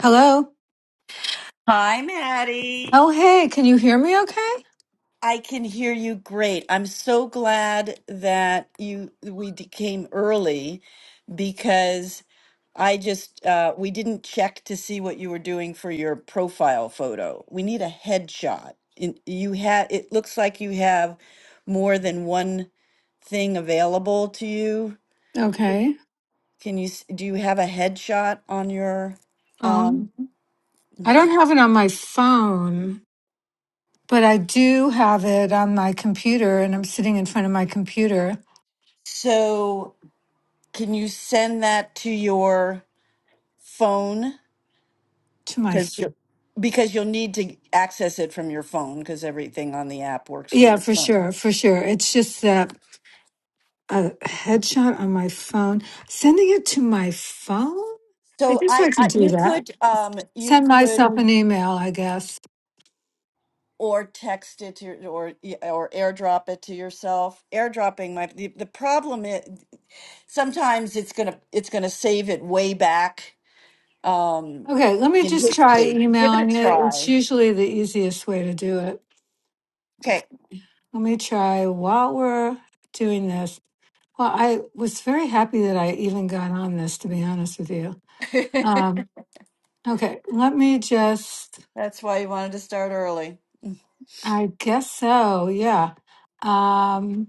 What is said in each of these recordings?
Hello. Hi, Maddie. Oh, hey, can you hear me okay? I can hear you great. I'm so glad that you we d- came early because I just uh, we didn't check to see what you were doing for your profile photo. We need a headshot. In- You had it looks like you have more than one thing available to you. Okay. Can you s- do you have a headshot on your Um, um I don't have it on my phone, but I do have it on my computer, and I'm sitting in front of my computer so can you send that to your phone to my. because f- you because you'll need to access it from your phone because everything on the app works from Yeah, your for phone. sure, for sure. It's just that a headshot on my phone, sending it to my phone. I So guess I I, I could do you that. could um you Send could myself an email, I guess. or text it to your, or or airdrop it to yourself. Airdropping might the, the problem is sometimes it's gonna it's gonna save it way back um Okay, let me in just try history. Give it a emailing it. It's try. usually the easiest way to do it. Okay. Let me try while we're doing this. Well, I was very happy that I even got on this, to be honest with you. Um, okay, let me just, That's why you wanted to start early. I guess so, yeah. Um,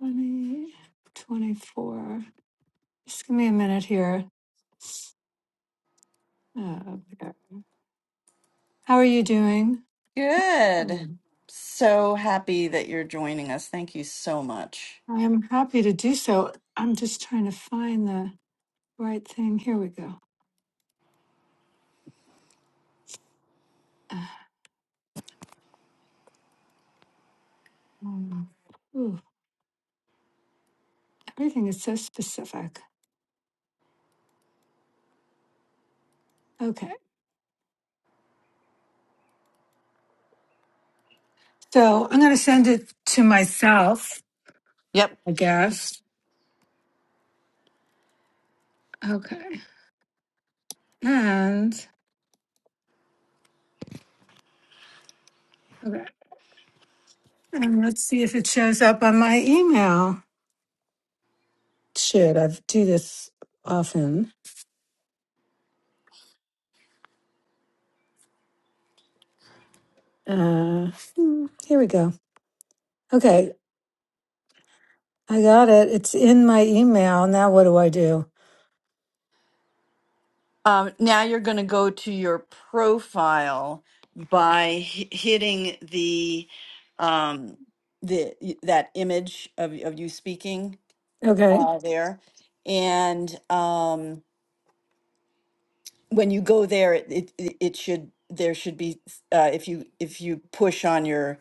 20, 24. Just give me a minute here. Uh, there. how are you doing? Good. Um, So happy that you're joining us. Thank you so much. I'm happy to do so. I'm just trying to find the right thing. Here we go. Uh, Um, ooh, everything is so specific. Okay. So I'm going to send it to myself, Yep. I guess. Okay. And, okay. And let's see if it shows up on my email. Should I do this often? Uh, hmm, here we go. Okay. I got it. It's in my email. Now what do I do? Um, now you're going to go to your profile by hi- hitting the um, the that image of of you speaking Okay. uh, there, and um, when you go there, it, it it it should there should be uh, if you if you push on your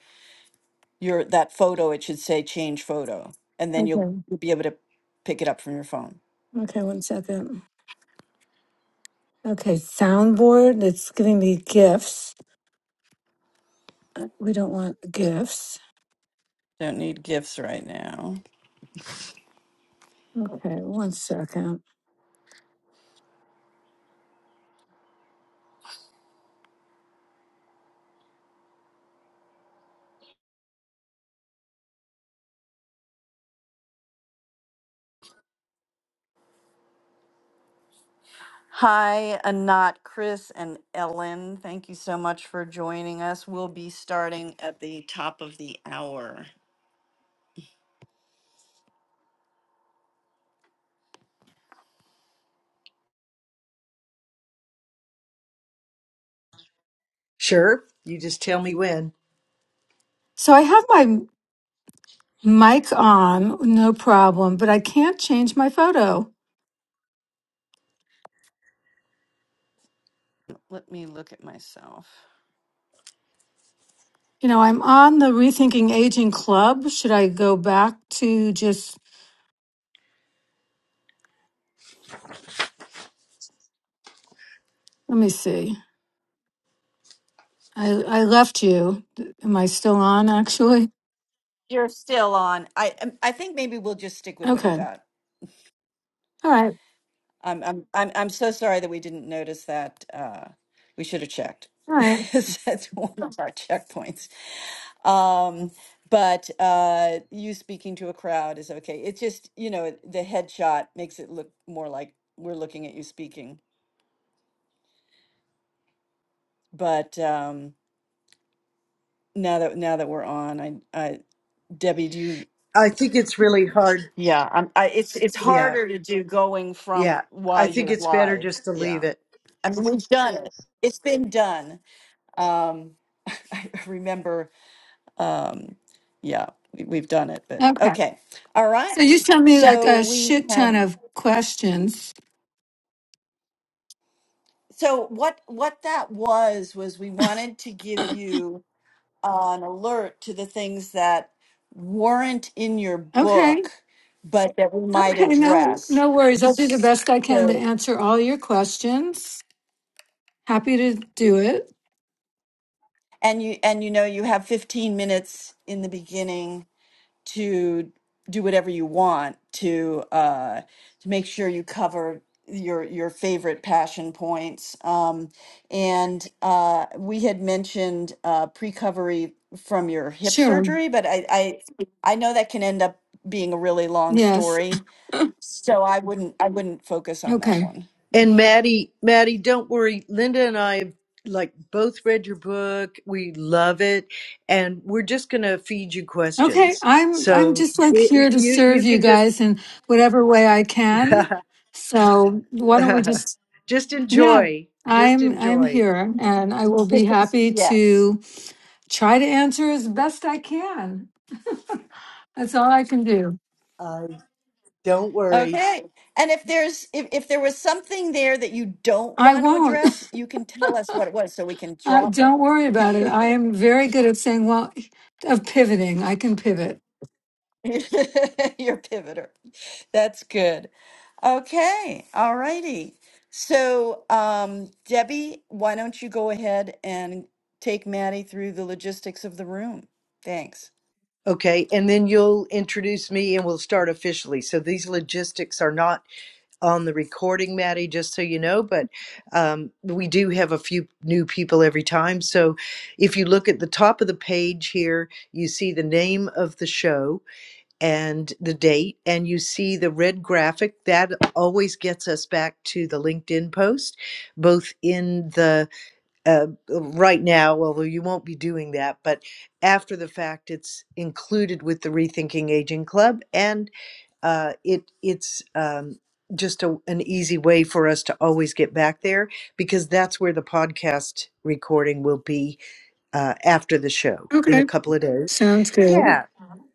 your that photo, it should say change photo, and then you'll, Okay. you'll be able to pick it up from your phone. Okay. One second. Okay. Soundboard. It's giving me gifts. Uh, We don't want gifts. Don't need gifts right now. Okay. One second. Hi, Anat, Chris, and Ellen. Thank you so much for joining us. We'll be starting at the top of the hour. Sure. You just tell me when. So I have my Mic on, no problem, but I can't change my photo. Let me look at myself. You know, I'm on the Rethinking Aging Club. Should I go back to just, let me see. I, I left you. Am I still on actually? You're still on. I um, I think maybe we'll just stick with what you Okay. got. All right. I'm I'm I'm, I'm so sorry that we didn't notice that. Uh, we should have checked. All right. That's one of our checkpoints. Um, but uh, you speaking to a crowd is okay. It's just, you know, it- the headshot makes it look more like we're looking at you speaking. But um, now that now that we're on, I, I Debbie, do you? I think it's really hard. Yeah, I'm, I, it's it's Yeah. harder to do going from Yeah. while I think you're it's better live. just to Yeah, leave it. I mean we've done it. It's been done. Um, I remember. Um, yeah, we, we've done it. But Okay. okay, all So right. you sent me like So a we shit have. ton of questions. so what what that was was we wanted to give you an alert to the things that weren't in your Okay. book but that we might Okay. No, address no worries. I'll do the best I can to so answer all your questions. Happy to do it. and you and you know you have 15 minutes in the beginning to do whatever you want to uh, to make sure you cover your your favorite passion points. Um, and uh, we had mentioned uh, precovery from your hip Sure. surgery, but I, I I know that can end up being a really long Yes. story, so I wouldn't I wouldn't focus on that Okay. one. And Maddie, Maddie, don't worry. Linda and I have like both read your book. We love it. And we're just going to feed you Okay, questions. I'm I'm So just like y- here to you, serve you you can just, guys in whatever way I can. So why don't we just just yeah, enjoy, just I'm I'm enjoy. here and I will be happy yes. to try to answer as best I can. That's all I can do. Uh, don't worry. Okay. And if there's if, if there was something there that you don't I want to won't. address, you can tell us what it was so we can Uh, drop it. don't worry about it. I am very good at saying well of pivoting. I can pivot. Your pivoter. That's good. Okay, all righty. So, um, Debbie, why don't you go ahead and take Maddie through the logistics of the room? Thanks. Okay. And then you'll introduce me and we'll start officially. So these logistics are not on the recording, Maddie, just so you know, but um, we do have a few new people every time. So if you look at the top of the page here, you see the name of the show and the date, and you see the red graphic. That always gets us back to the LinkedIn post, both in the uh, right now, although you won't be doing that, but after the fact, it's included with the Rethinking Aging Club. And uh, it it's um, just a, an easy way for us to always get back there because that's where the podcast recording will be uh, after the show in a Okay, couple of days. sounds good. Yeah,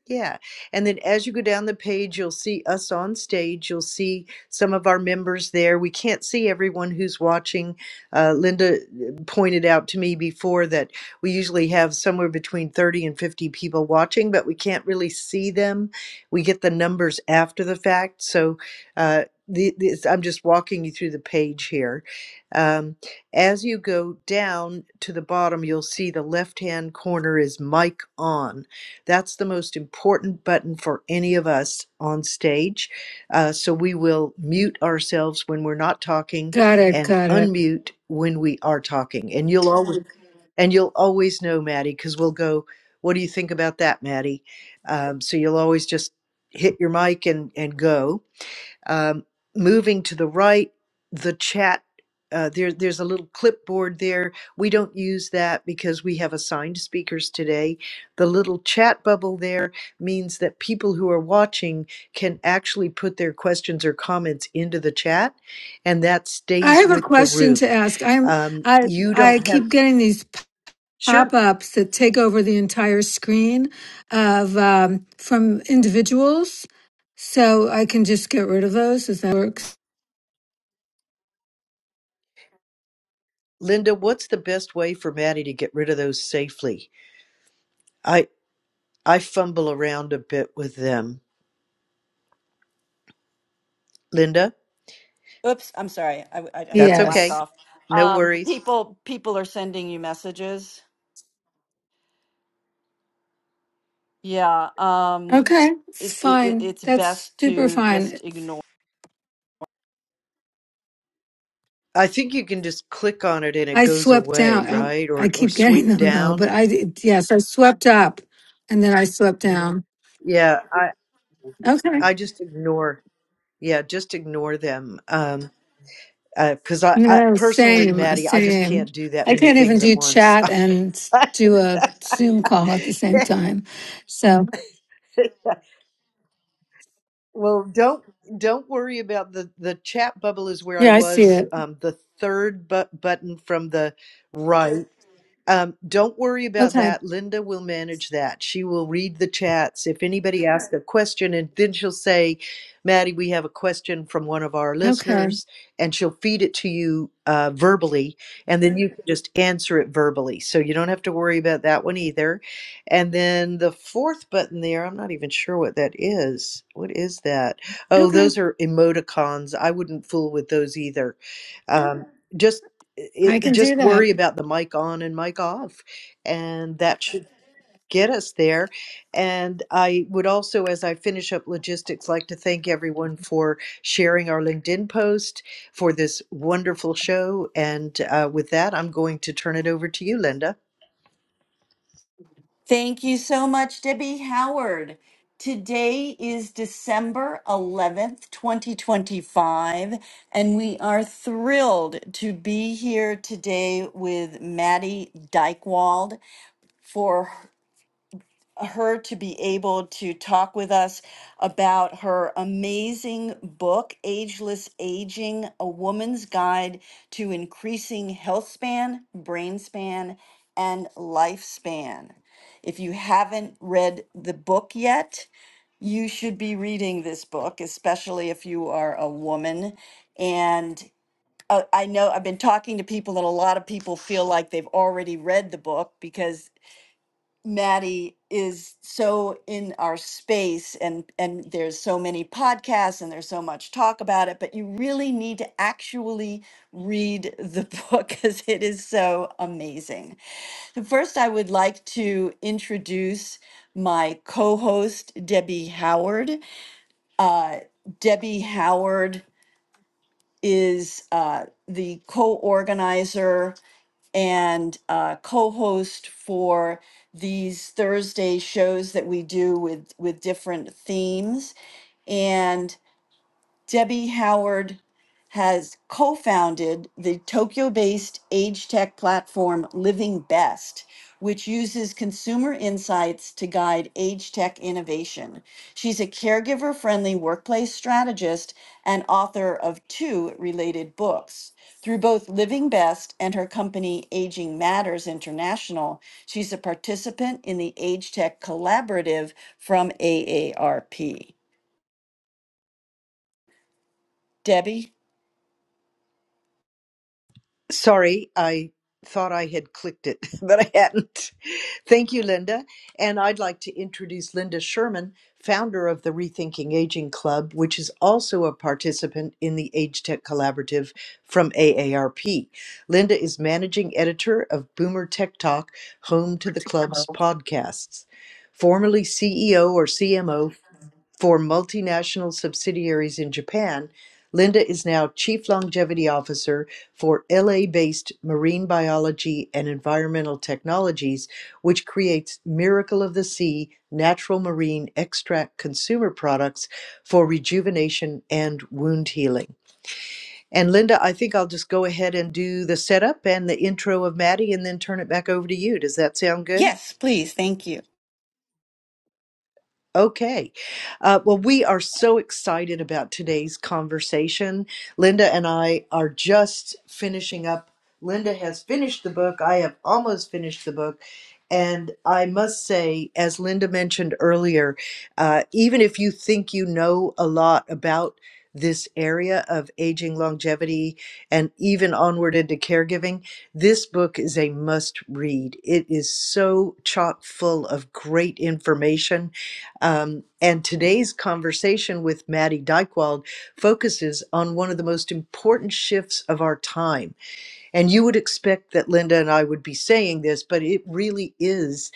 yeah. And then as you go down the page, you'll see us on stage. You'll see some of our members there. We can't see everyone who's watching. Uh, Linda uh, pointed out to me before that we usually have somewhere between 30 and 50 people watching, but we can't really see them. We get the numbers after the fact. So uh, the, this, I'm just walking you through the page here. Um, as you go down to the bottom, you'll see the left hand corner is mic on that's the most important button for any of us on stage. Uh, so we will mute ourselves when we're not talking Got it. and Got it. unmute when we are talking. And you'll always and you'll always know, Maddie, because we'll go. What do you think about that, Maddie? Um, so you'll always just hit your mic and and go. Um, moving to the right, the chat. Uh, there, there's a little clipboard there. We don't use that because we have assigned speakers today. The little chat bubble there means that people who are watching can actually put their questions or comments into the chat, and that I stays have a with the question to room. ask. I'm Um, I you I don't have keep getting these sure, pop-ups that take over the entire screen of um, from individuals. So I can just get rid of those if that works. Linda. What's the best way for Maddie to get rid of those safely? I I fumble around a bit with them, Linda. Oops, I'm sorry. I, I, I had my That's mic okay. Yes. off. No Um, worries. people, people are sending you messages. Yeah. Um, Okay. It's it, it, it- fine. it's That's best super to fine. just ignore. I think you can just click on it and it I goes swept away, down. Oh, right? I Or or keep getting sweep them though, but down. I did- yes, I swept up and then I swept down. Yeah, I Okay. I just ignore. Yeah, just ignore them. Um, uh 'cause because I, I No, personally, same, Maddie, I just same. can't do that I many can't even things at do once. chat and do a Zoom call at the same time. So well, don't don't worry about the the chat bubble is where I yeah, I see was. it. Um, the third bu- button from the right. Um, don't worry about Okay. that. Linda will manage that. She will read the chats. If anybody asks a question, and then she'll say, Maddie, we have a question from one of our Okay. listeners, and she'll feed it to you uh, verbally, and then you can just answer it verbally. So you don't have to worry about that one either. And then the fourth button there, I'm not even sure what that is. What is that? Oh, Okay. those are emoticons. I wouldn't fool with those either. Um, just I it, it- can do just that. worry about the mic on and mic off, and that should get us there. And I would also, as I finish up logistics, like to thank everyone for sharing our LinkedIn post for this wonderful show. And uh, with that, I'm going to turn it over to you, Linda. Thank you so much, Debbie Howard. Today is December 11th, 2025, and we are thrilled to be here today with Maddie Dykewald for her to be able to talk with us about her amazing book, Ageless Aging A Woman's Guide to Increasing Health Span, Brain Span, and Lifespan. If you haven't read the book yet, you should be reading this book, especially if you are a woman. And uh, I know I've been talking to people, and a lot of people feel like they've already read the book because Maddie is so in our space and and there's so many podcasts and there's so much talk about it but you really need to actually read the book cuz it is so amazing. So first I would like to introduce my co-host Debbie Howard. Uh Debbie Howard is uh the co-organizer and uh, co-host for these Thursday shows that we do with with different themes. And Debbie Howard has co founded the Tokyo based age tech platform Living Best, which uses consumer insights to guide age tech innovation. She's a caregiver friendly workplace strategist and author of two related books. Through both Living Best and her company Aging Matters International, she's a participant in the Age Tech Collaborative from AARP. Debbie? Sorry, I thought I had clicked it, but I hadn't. Thank you, Linda. And I'd like to introduce Linda Sherman, founder of the Rethinking Aging Club, which is also a participant in the Age Tech Collaborative from AARP. Linda is managing editor of Boomer Tech Talk, home to the club's podcasts. Formerly CEO or CMO for multinational subsidiaries in Japan, Linda is now Chief Longevity Officer for LA based Marine Biology and Environmental Technologies, which creates Miracle of the Sea natural marine extract consumer products for rejuvenation and wound healing. And Linda, I think I'll just go ahead and do the setup and the intro of Maddie and then turn it back over to you. Does that sound good? Yes, please. Thank you. Okay. Uh, well, we are so excited about today's conversation. Linda and I are just finishing up. Linda has finished the book. I have almost finished the book. And I must say, as Linda mentioned earlier, uh, even if you think you know a lot about this area of aging, longevity, and even onward into caregiving, this book is a must read. It is so chock full of great information um, and today's conversation with Maddie Dykewald focuses on one of the most important shifts of our time. And you would expect that Linda and I would be saying this, but it really is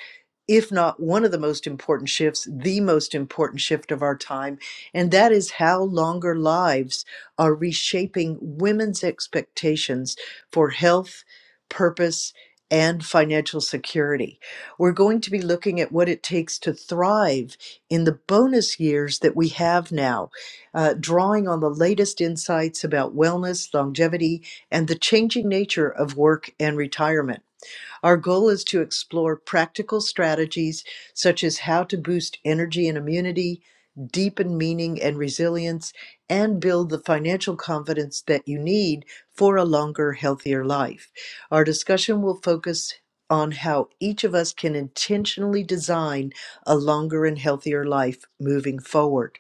if not one of the most important shifts, the most important shift of our time, and that is how longer lives are reshaping women's expectations for health, purpose, and financial security. We're going to be looking at what it takes to thrive in the bonus years that we have now, uh, drawing on the latest insights about wellness, longevity, and the changing nature of work and retirement. Our goal is to explore practical strategies such as how to boost energy and immunity, deepen meaning and resilience, and build the financial confidence that you need for a longer, healthier life. Our discussion will focus on how each of us can intentionally design a longer and healthier life moving forward.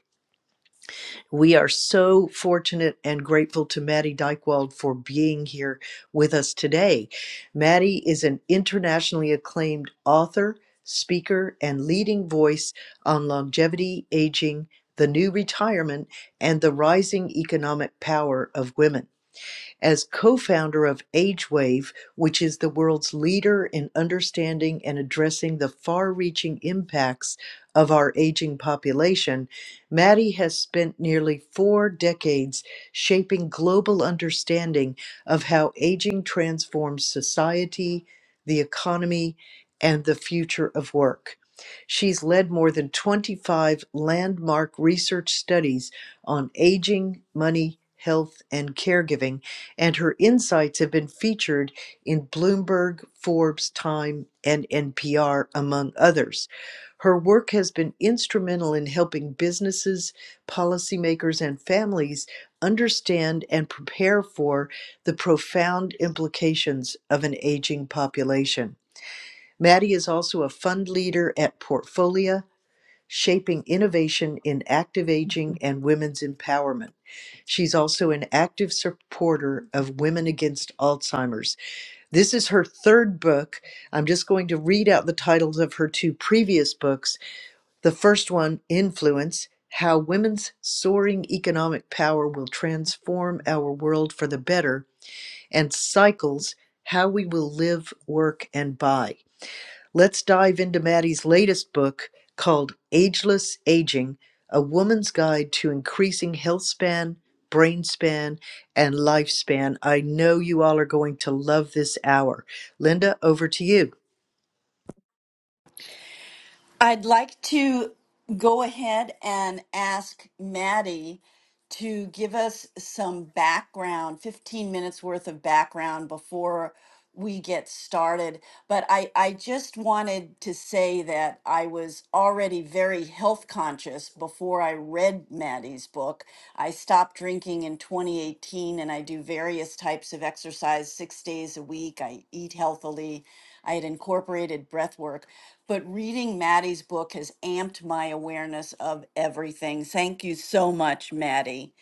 We are so fortunate and grateful to Maddie Dykewald for being here with us today. Maddie is an internationally acclaimed author, speaker, and leading voice on longevity, aging, the new retirement, and the rising economic power of women as co-founder of AgeWave, which is the world's leader in understanding and addressing the far-reaching impacts of our aging population, Maddie has spent nearly four decades shaping global understanding of how aging transforms society, the economy, and the future of work. She's led more than 25 landmark research studies on aging, money, health, and caregiving and her insights have been featured in Bloomberg, Forbes, Time, and NPR, among others. Her work has been instrumental in helping businesses, policymakers, and families understand and prepare for the profound implications of an aging population. Maddie is also a fund leader at Portfolia Shaping Innovation in Active Aging and Women's Empowerment. She's also an active supporter of Women Against Alzheimer's. This is her third book. I'm just going to read out the titles of her two previous books. The first one, Influence How Women's Soaring Economic Power Will Transform Our World for the Better, and Cycles How We Will Live, Work, and Buy. Let's dive into Maddie's latest book called Ageless Aging A Woman's Guide to Increasing Health Span, Brain Span, and Lifespan. I know you all are going to love this hour. Linda, over to you. I'd like to go ahead and ask Maddie to give us some background, 15 minutes worth of background before we get started. But I, I just wanted to say that I was already very health conscious before I read Maddie's book. I stopped drinking in 2018 and I do various types of exercise six days a week. I eat healthily. I had incorporated breath work but reading Maddie's book has amped my awareness of everything. Thank you so much, Maddie.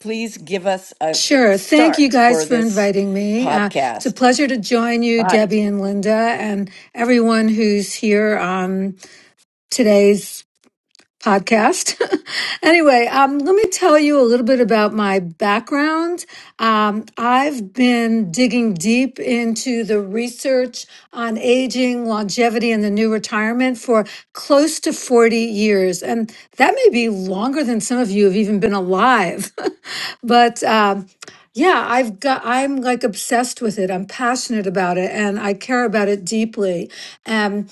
Please give us a Sure. Thank you start guys for for this inviting me. Uh, it's a podcast. pleasure to join you, Hi. Debbie and Linda, and everyone who's here on today's podcast. anyway, um, let me tell you a little bit about my background. Um, I've been digging deep into the research on aging, longevity, and the new retirement for close to 40 years. And that may be longer than some of you have even been alive. but um, yeah, I've got, I'm like obsessed with it. I'm passionate about it and I care about it deeply. Um,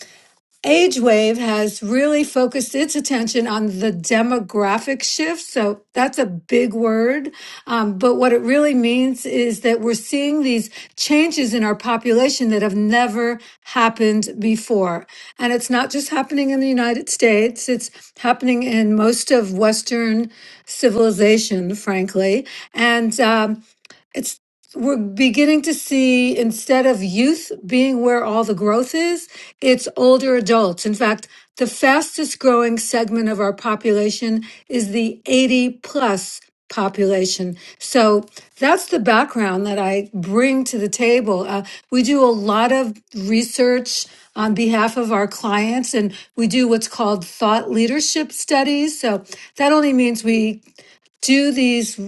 Age Wave has really focused its attention on the demographic shift. So that's a big word. Um, but what it really means is that we're seeing these changes in our population that have never happened before. And it's not just happening in the United States, it's happening in most of Western civilization, frankly. And um, it's we're beginning to see instead of youth being where all the growth is, it's older adults. In fact, the fastest growing segment of our population is the 80 plus population. So that's the background that I bring to the table. Uh, we do a lot of research on behalf of our clients and we do what's called thought leadership studies. So that only means we do these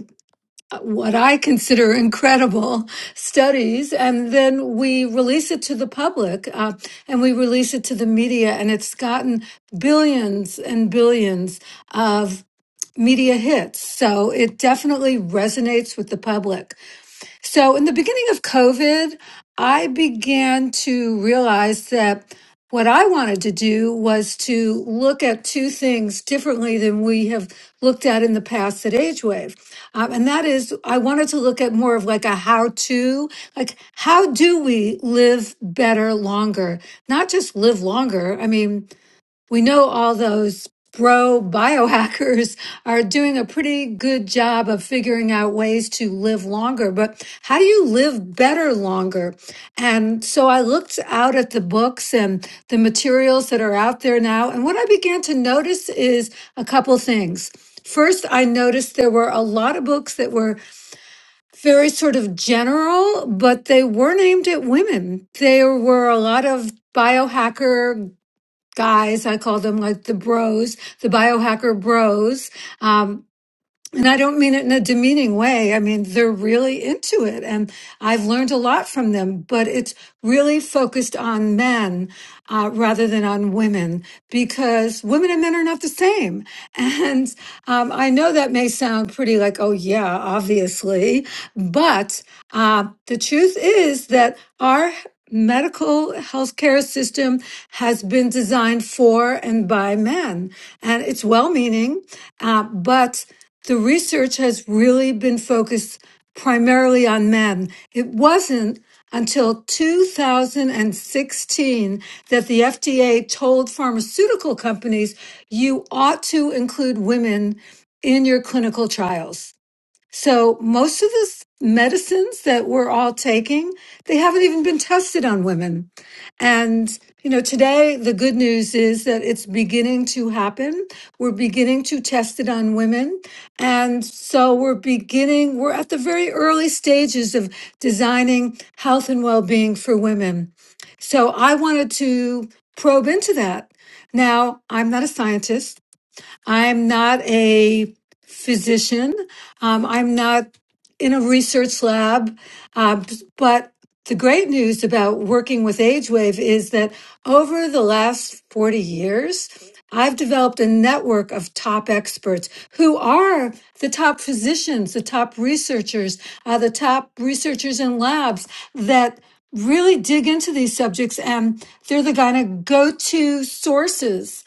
what I consider incredible studies, and then we release it to the public uh, and we release it to the media, and it's gotten billions and billions of media hits. So it definitely resonates with the public. So, in the beginning of COVID, I began to realize that what I wanted to do was to look at two things differently than we have looked at in the past at AgeWave. Um, and that is, I wanted to look at more of like a how to, like, how do we live better longer? Not just live longer. I mean, we know all those bro biohackers are doing a pretty good job of figuring out ways to live longer, but how do you live better longer? And so I looked out at the books and the materials that are out there now. And what I began to notice is a couple things. First, I noticed there were a lot of books that were very sort of general, but they weren't aimed at women. There were a lot of biohacker guys. I call them like the bros, the biohacker bros. Um, and I don't mean it in a demeaning way. I mean, they're really into it. And I've learned a lot from them, but it's really focused on men uh, rather than on women because women and men are not the same. And um, I know that may sound pretty like, oh, yeah, obviously. But uh, the truth is that our medical healthcare system has been designed for and by men. And it's well meaning, uh, but the research has really been focused primarily on men. It wasn't until 2016 that the FDA told pharmaceutical companies you ought to include women in your clinical trials. So most of the s- medicines that we're all taking, they haven't even been tested on women. And, you know, today the good news is that it's beginning to happen. We're beginning to test it on women. And so we're beginning, we're at the very early stages of designing health and well being for women. So I wanted to probe into that. Now, I'm not a scientist. I'm not a physician. Um, I'm not in a research lab. Um, but the great news about working with AgeWave is that over the last 40 years, I've developed a network of top experts who are the top physicians, the top researchers, uh, the top researchers in labs that really dig into these subjects and they're the kind of go-to sources.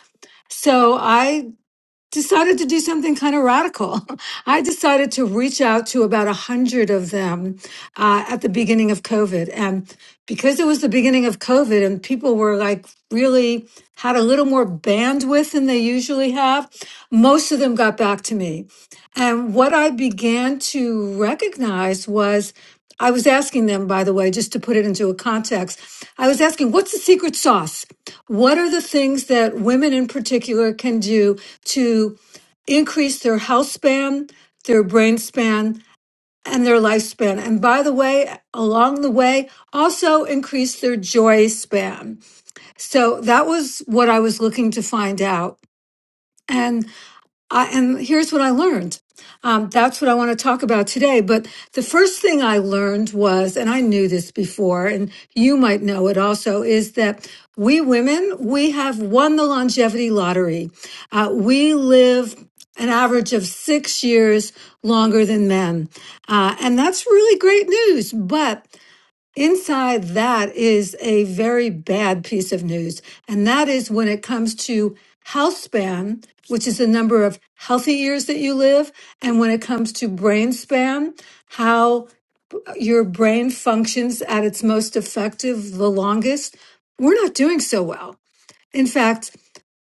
So I decided to do something kind of radical. I decided to reach out to about a hundred of them uh, at the beginning of COVID, and because it was the beginning of COVID, and people were like really had a little more bandwidth than they usually have, most of them got back to me. And what I began to recognize was I was asking them, by the way, just to put it into a context, I was asking, what's the secret sauce? What are the things that women in particular can do to increase their health span, their brain span, and their lifespan? And by the way, along the way, also increase their joy span. So that was what I was looking to find out. and. I, and here's what I learned. Um, that's what I want to talk about today. But the first thing I learned was, and I knew this before, and you might know it also, is that we women, we have won the longevity lottery. Uh, we live an average of six years longer than men. Uh, and that's really great news. But Inside that is a very bad piece of news. And that is when it comes to health span, which is the number of healthy years that you live. And when it comes to brain span, how your brain functions at its most effective, the longest, we're not doing so well. In fact,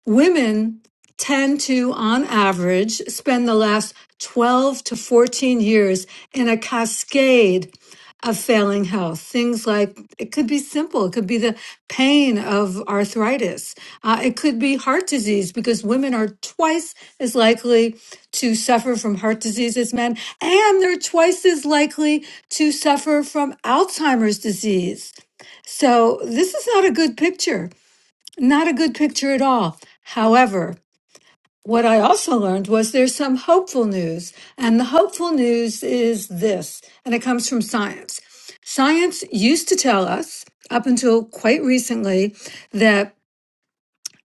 Women tend to, on average, spend the last 12 to 14 years in a cascade of failing health. Things like it could be simple, it could be the pain of arthritis, uh, it could be heart disease, because women are twice as likely to suffer from heart disease as men, and they're twice as likely to suffer from Alzheimer's disease. So, this is not a good picture. Not a good picture at all. However, what I also learned was there's some hopeful news, and the hopeful news is this, and it comes from science. Science used to tell us, up until quite recently, that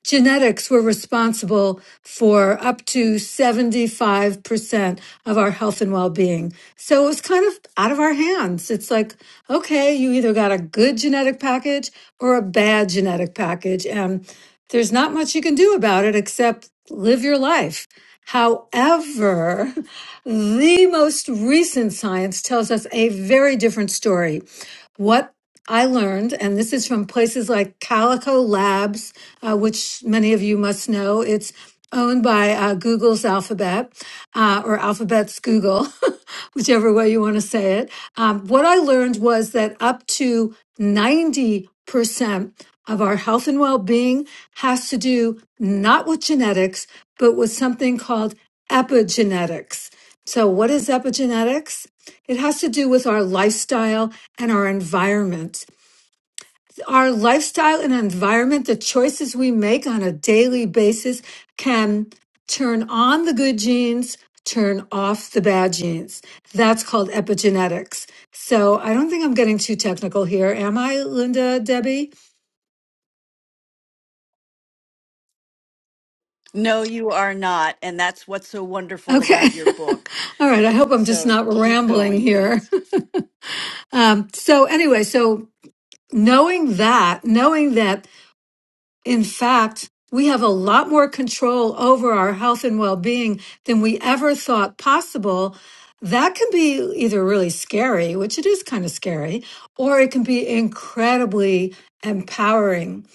genetics were responsible for up to 75% of our health and well-being. So it was kind of out of our hands. It's like, okay, you either got a good genetic package or a bad genetic package and there's not much you can do about it except live your life. However, the most recent science tells us a very different story what I learned, and this is from places like Calico Labs, uh, which many of you must know, it's owned by uh, Google's Alphabet uh, or Alphabet's Google, whichever way you want to say it. Um, what I learned was that up to 90% of our health and well being has to do not with genetics, but with something called epigenetics. So, what is epigenetics? It has to do with our lifestyle and our environment. Our lifestyle and environment, the choices we make on a daily basis can turn on the good genes, turn off the bad genes. That's called epigenetics. So I don't think I'm getting too technical here, am I, Linda, Debbie? No, you are not. And that's what's so wonderful Okay. about your book. All right. I hope I'm just So not keep rambling going, here. please. Um, so anyway, so knowing that, knowing that In fact, we have a lot more control over our health and well being than we ever thought possible. That can be either really scary, which it is kind of scary, or it can be incredibly empowering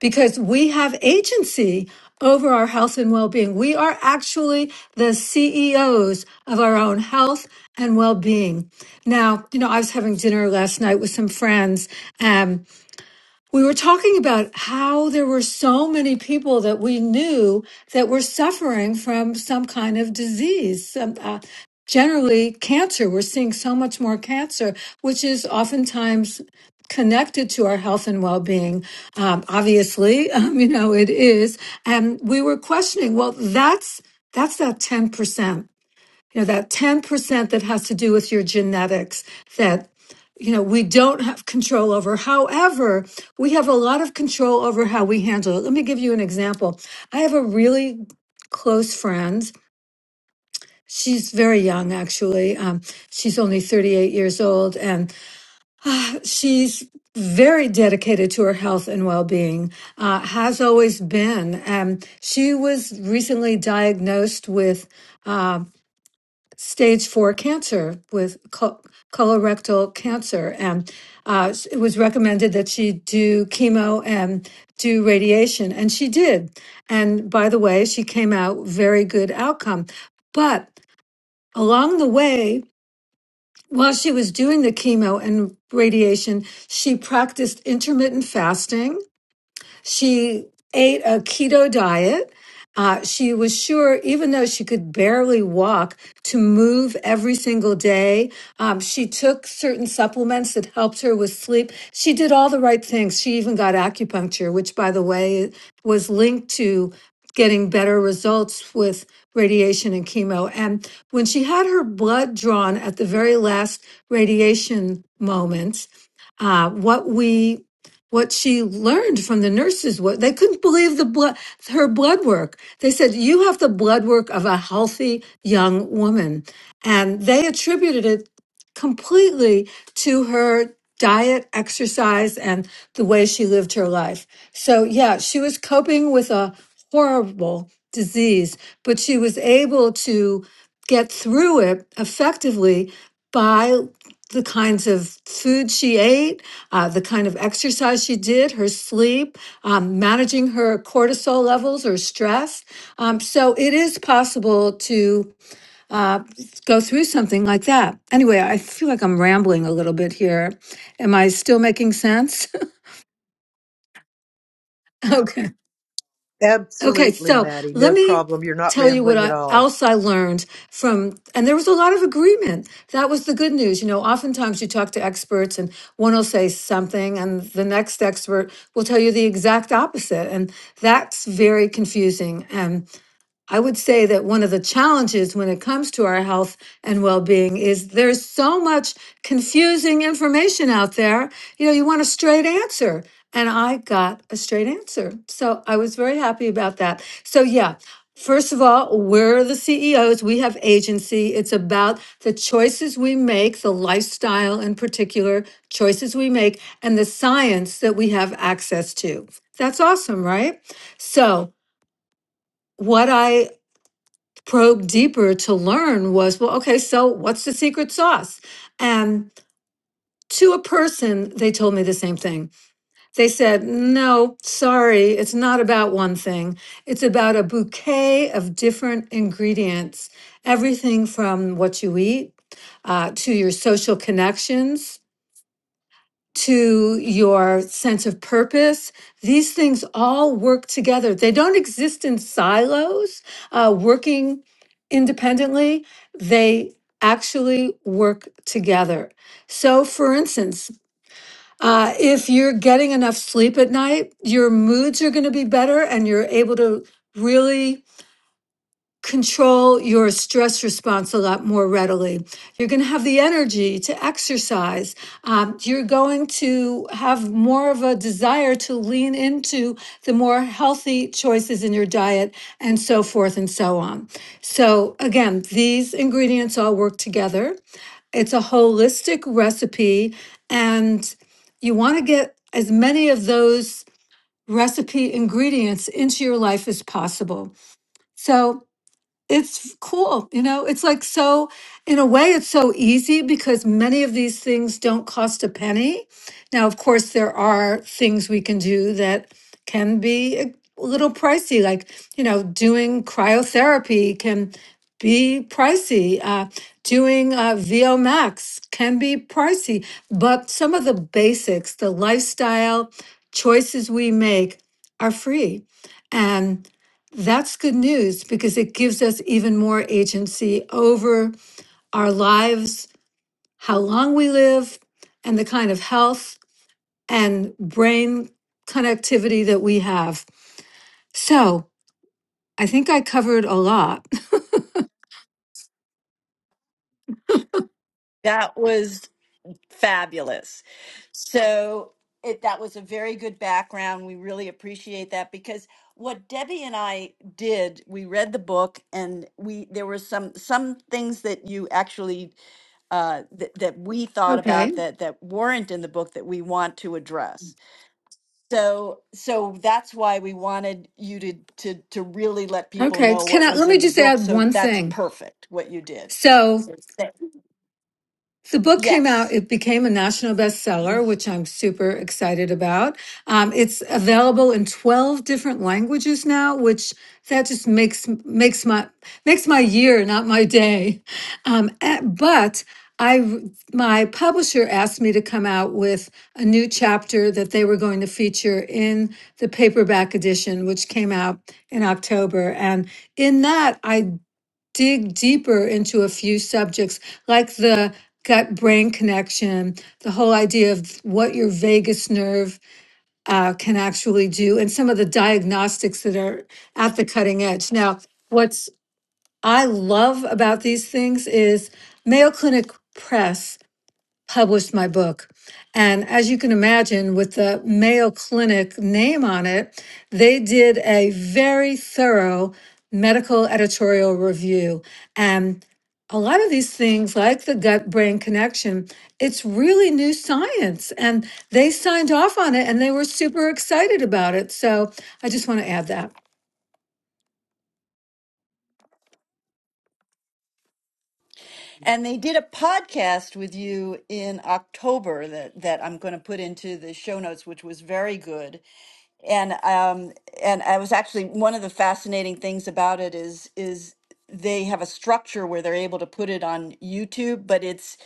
because we have agency over our health and well being. We are actually the CEOs of our own health and well being. Now, you know, I was having dinner last night with some friends. um, we were talking about how there were so many people that we knew that were suffering from some kind of disease. Some, uh, generally, cancer. We're seeing so much more cancer, which is oftentimes connected to our health and well-being. Um, obviously, um, you know it is. And we were questioning. Well, that's that's that ten percent you know that 10% that has to do with your genetics that you know we don't have control over however we have a lot of control over how we handle it let me give you an example i have a really close friend she's very young actually um, she's only 38 years old and she's very dedicated to her health and well-being uh, has always been um, she was recently diagnosed with stage four cancer with co- colorectal cancer. And uh, s- it was recommended that she do chemo and do radiation. And she did. And by the way, she came out very good outcome. But along the way, while she was doing the chemo and radiation, she practiced intermittent fasting she ate a keto diet. Uh, she was sure, even though she could barely walk, to move every single day. Um, she took certain supplements that helped her with sleep. She did all the right things. She even got acupuncture, which, by the way, was linked to getting better results with radiation and chemo. And when she had her blood drawn at the very last radiation moment, uh, what we what she learned from the nurses was they couldn't believe the blood her blood work they said you have the blood work of a healthy young woman and they attributed it completely to her diet exercise and the way she lived her life so yeah she was coping with a horrible disease but she was able to get through it effectively by the kinds of food she ate, uh, the kind of exercise she did, her sleep, um, managing her cortisol levels or stress. Um, so it is possible to uh, go through something like that. Anyway, I feel like I'm rambling a little bit here. Am I still making sense? okay. Okay, Absolutely, so Maddie. let No me problem. You're not tell you what rambling at I, all. else I learned from, and there was a lot of agreement. That was the good news. You know, oftentimes you talk to experts and one will say something, and the next expert will tell you the exact opposite. And that's very confusing. I would say that one of the challenges when it comes to our health and well being is there's so much confusing information out there. You know, you want a straight answer. And I got a straight answer. So I was very happy about that. So, yeah. First of all, we're the CEOs. We have agency. It's about the choices we make, the lifestyle in particular, choices we make, and the science that we have access to. That's awesome, right? So, what I probe deeper to learn was well, okay, so what's the secret sauce? And to a person, they told me the same thing. They said, no, sorry, it's not about one thing. It's about a bouquet of different ingredients, everything from what you eat uh, to your social connections to your sense of purpose. These things all work together. They don't exist in silos, uh, working independently. They actually work together. So, for instance, uh, if you're getting enough sleep at night, your moods are going to be better and you're able to really control your stress response a lot more readily. You're going to have the energy to exercise. Um, you're going to have more of a desire to lean into the more healthy choices in your diet and so forth and so on. So, again, these ingredients all work together. It's a holistic recipe, and you want to get as many of those recipe ingredients into your life as possible. So, it's cool you know it's like so in a way it's so easy because many of these things don't cost a penny now of course there are things we can do that can be a little pricey like you know doing cryotherapy can be pricey uh, doing uh, vo max can be pricey but some of the basics the lifestyle choices we make are free that's good news because it gives us even more agency over our lives, how long we live, and the kind of health and brain connectivity that we have. So I think I covered a lot. That was Fabulous. So it, that was a very good background. We really appreciate that because what Debbie and I did, we read the book and we there were some some things that you actually uh, that that we thought Okay. about that that weren't in the book that we want to address. So so that's why we wanted you to to to really let people Okay. know Can what I let was me in the just book. add So one that's thing? perfect what you did. So So thank- The book came out, yes. it became a national bestseller, which I'm super excited about. Um, it's available in 12 different languages now, which that just makes makes my makes my year, not my day. Um, eh, but I my publisher asked me to come out with a new chapter that they were going to feature in the paperback edition, which came out in October. And in that, I dig deeper into a few subjects like the gut brain connection, the whole idea of what your vagus nerve uh, can actually do, and some of the diagnostics that are at the cutting edge. Now, what's I love about these things is Mayo Clinic Press published my book. And as you can imagine, with the Mayo Clinic name on it, they did a very thorough medical editorial review. And a lot of these things, like the gut brain connection, it's really new science. And they signed off on it and they were super excited about it. So I just want to add that. And they did a podcast with you in October that, that I'm going to put into the show notes, which was very good. And um, and I was actually one of the fascinating things about it is is they have a structure where they're able to put it on YouTube, but it's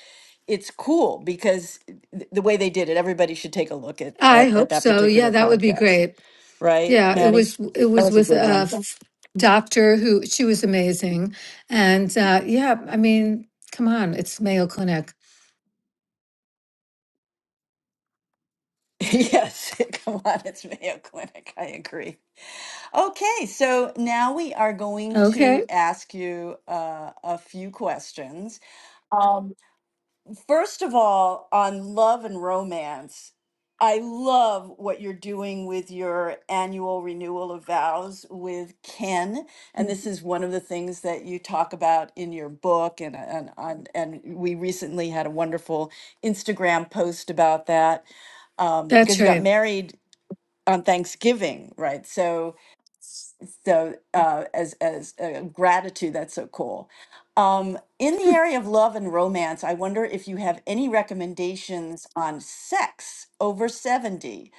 it's cool because th- the way they did it, everybody should take a look at I at, at hope that so. Yeah, particular that would be podcast, great. right, Yeah, it Maddie? was it was with a f- doctor who she was amazing, and uh, yeah, I mean, come on, it's Mayo Clinic. yes, come on, it's Mayo Clinic. I agree. Okay, so now we are going to Okay, ask you uh, a few questions. Um, first of all, on love and romance, I love what you're doing with your annual renewal of vows with Ken, and this is one of the things that you talk about in your book, and and and, and we recently had a wonderful Instagram post about that um, because that's you got right. married on Thanksgiving, right? So so uh, as as uh, gratitude, that's so cool. Um, in the area of love and romance, I wonder if you have any recommendations on sex over 70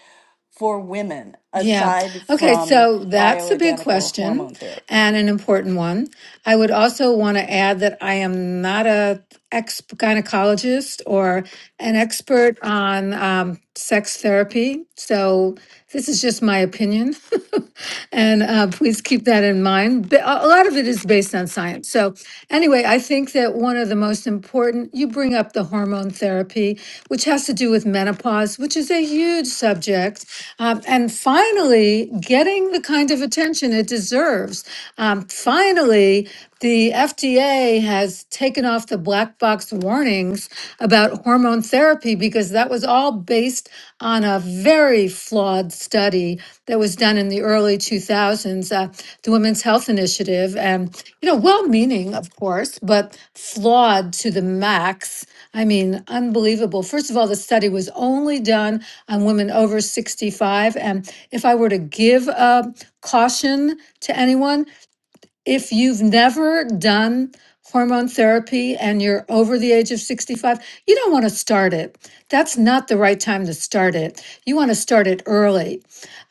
for women Yeah. aside Okay, from so that's a big bioidentical question hormone therapy. and an important one. I would also want to add that I am not a ex gynecologist or an expert on um, sex therapy. So this is just my opinion, and uh, please keep that in mind. But A a lot of it is based on science. So anyway, I think that one of the most important you bring up the hormone therapy, which has to do with menopause, which is a huge subject, um, and finally getting the kind of attention it deserves. Um, finally the FDA has taken off the black box warnings about hormone therapy because that was all based on a very flawed study that was done in the early 2000s, uh, the Women's Health Initiative. And, you know, well meaning, of course, but flawed to the max. I mean, unbelievable. First of all, the study was only done on women over 65. And if I were to give a caution to anyone, if you've never done hormone therapy and you're over the age of 65, you don't want to start it. That's not the right time to start it. You want to start it early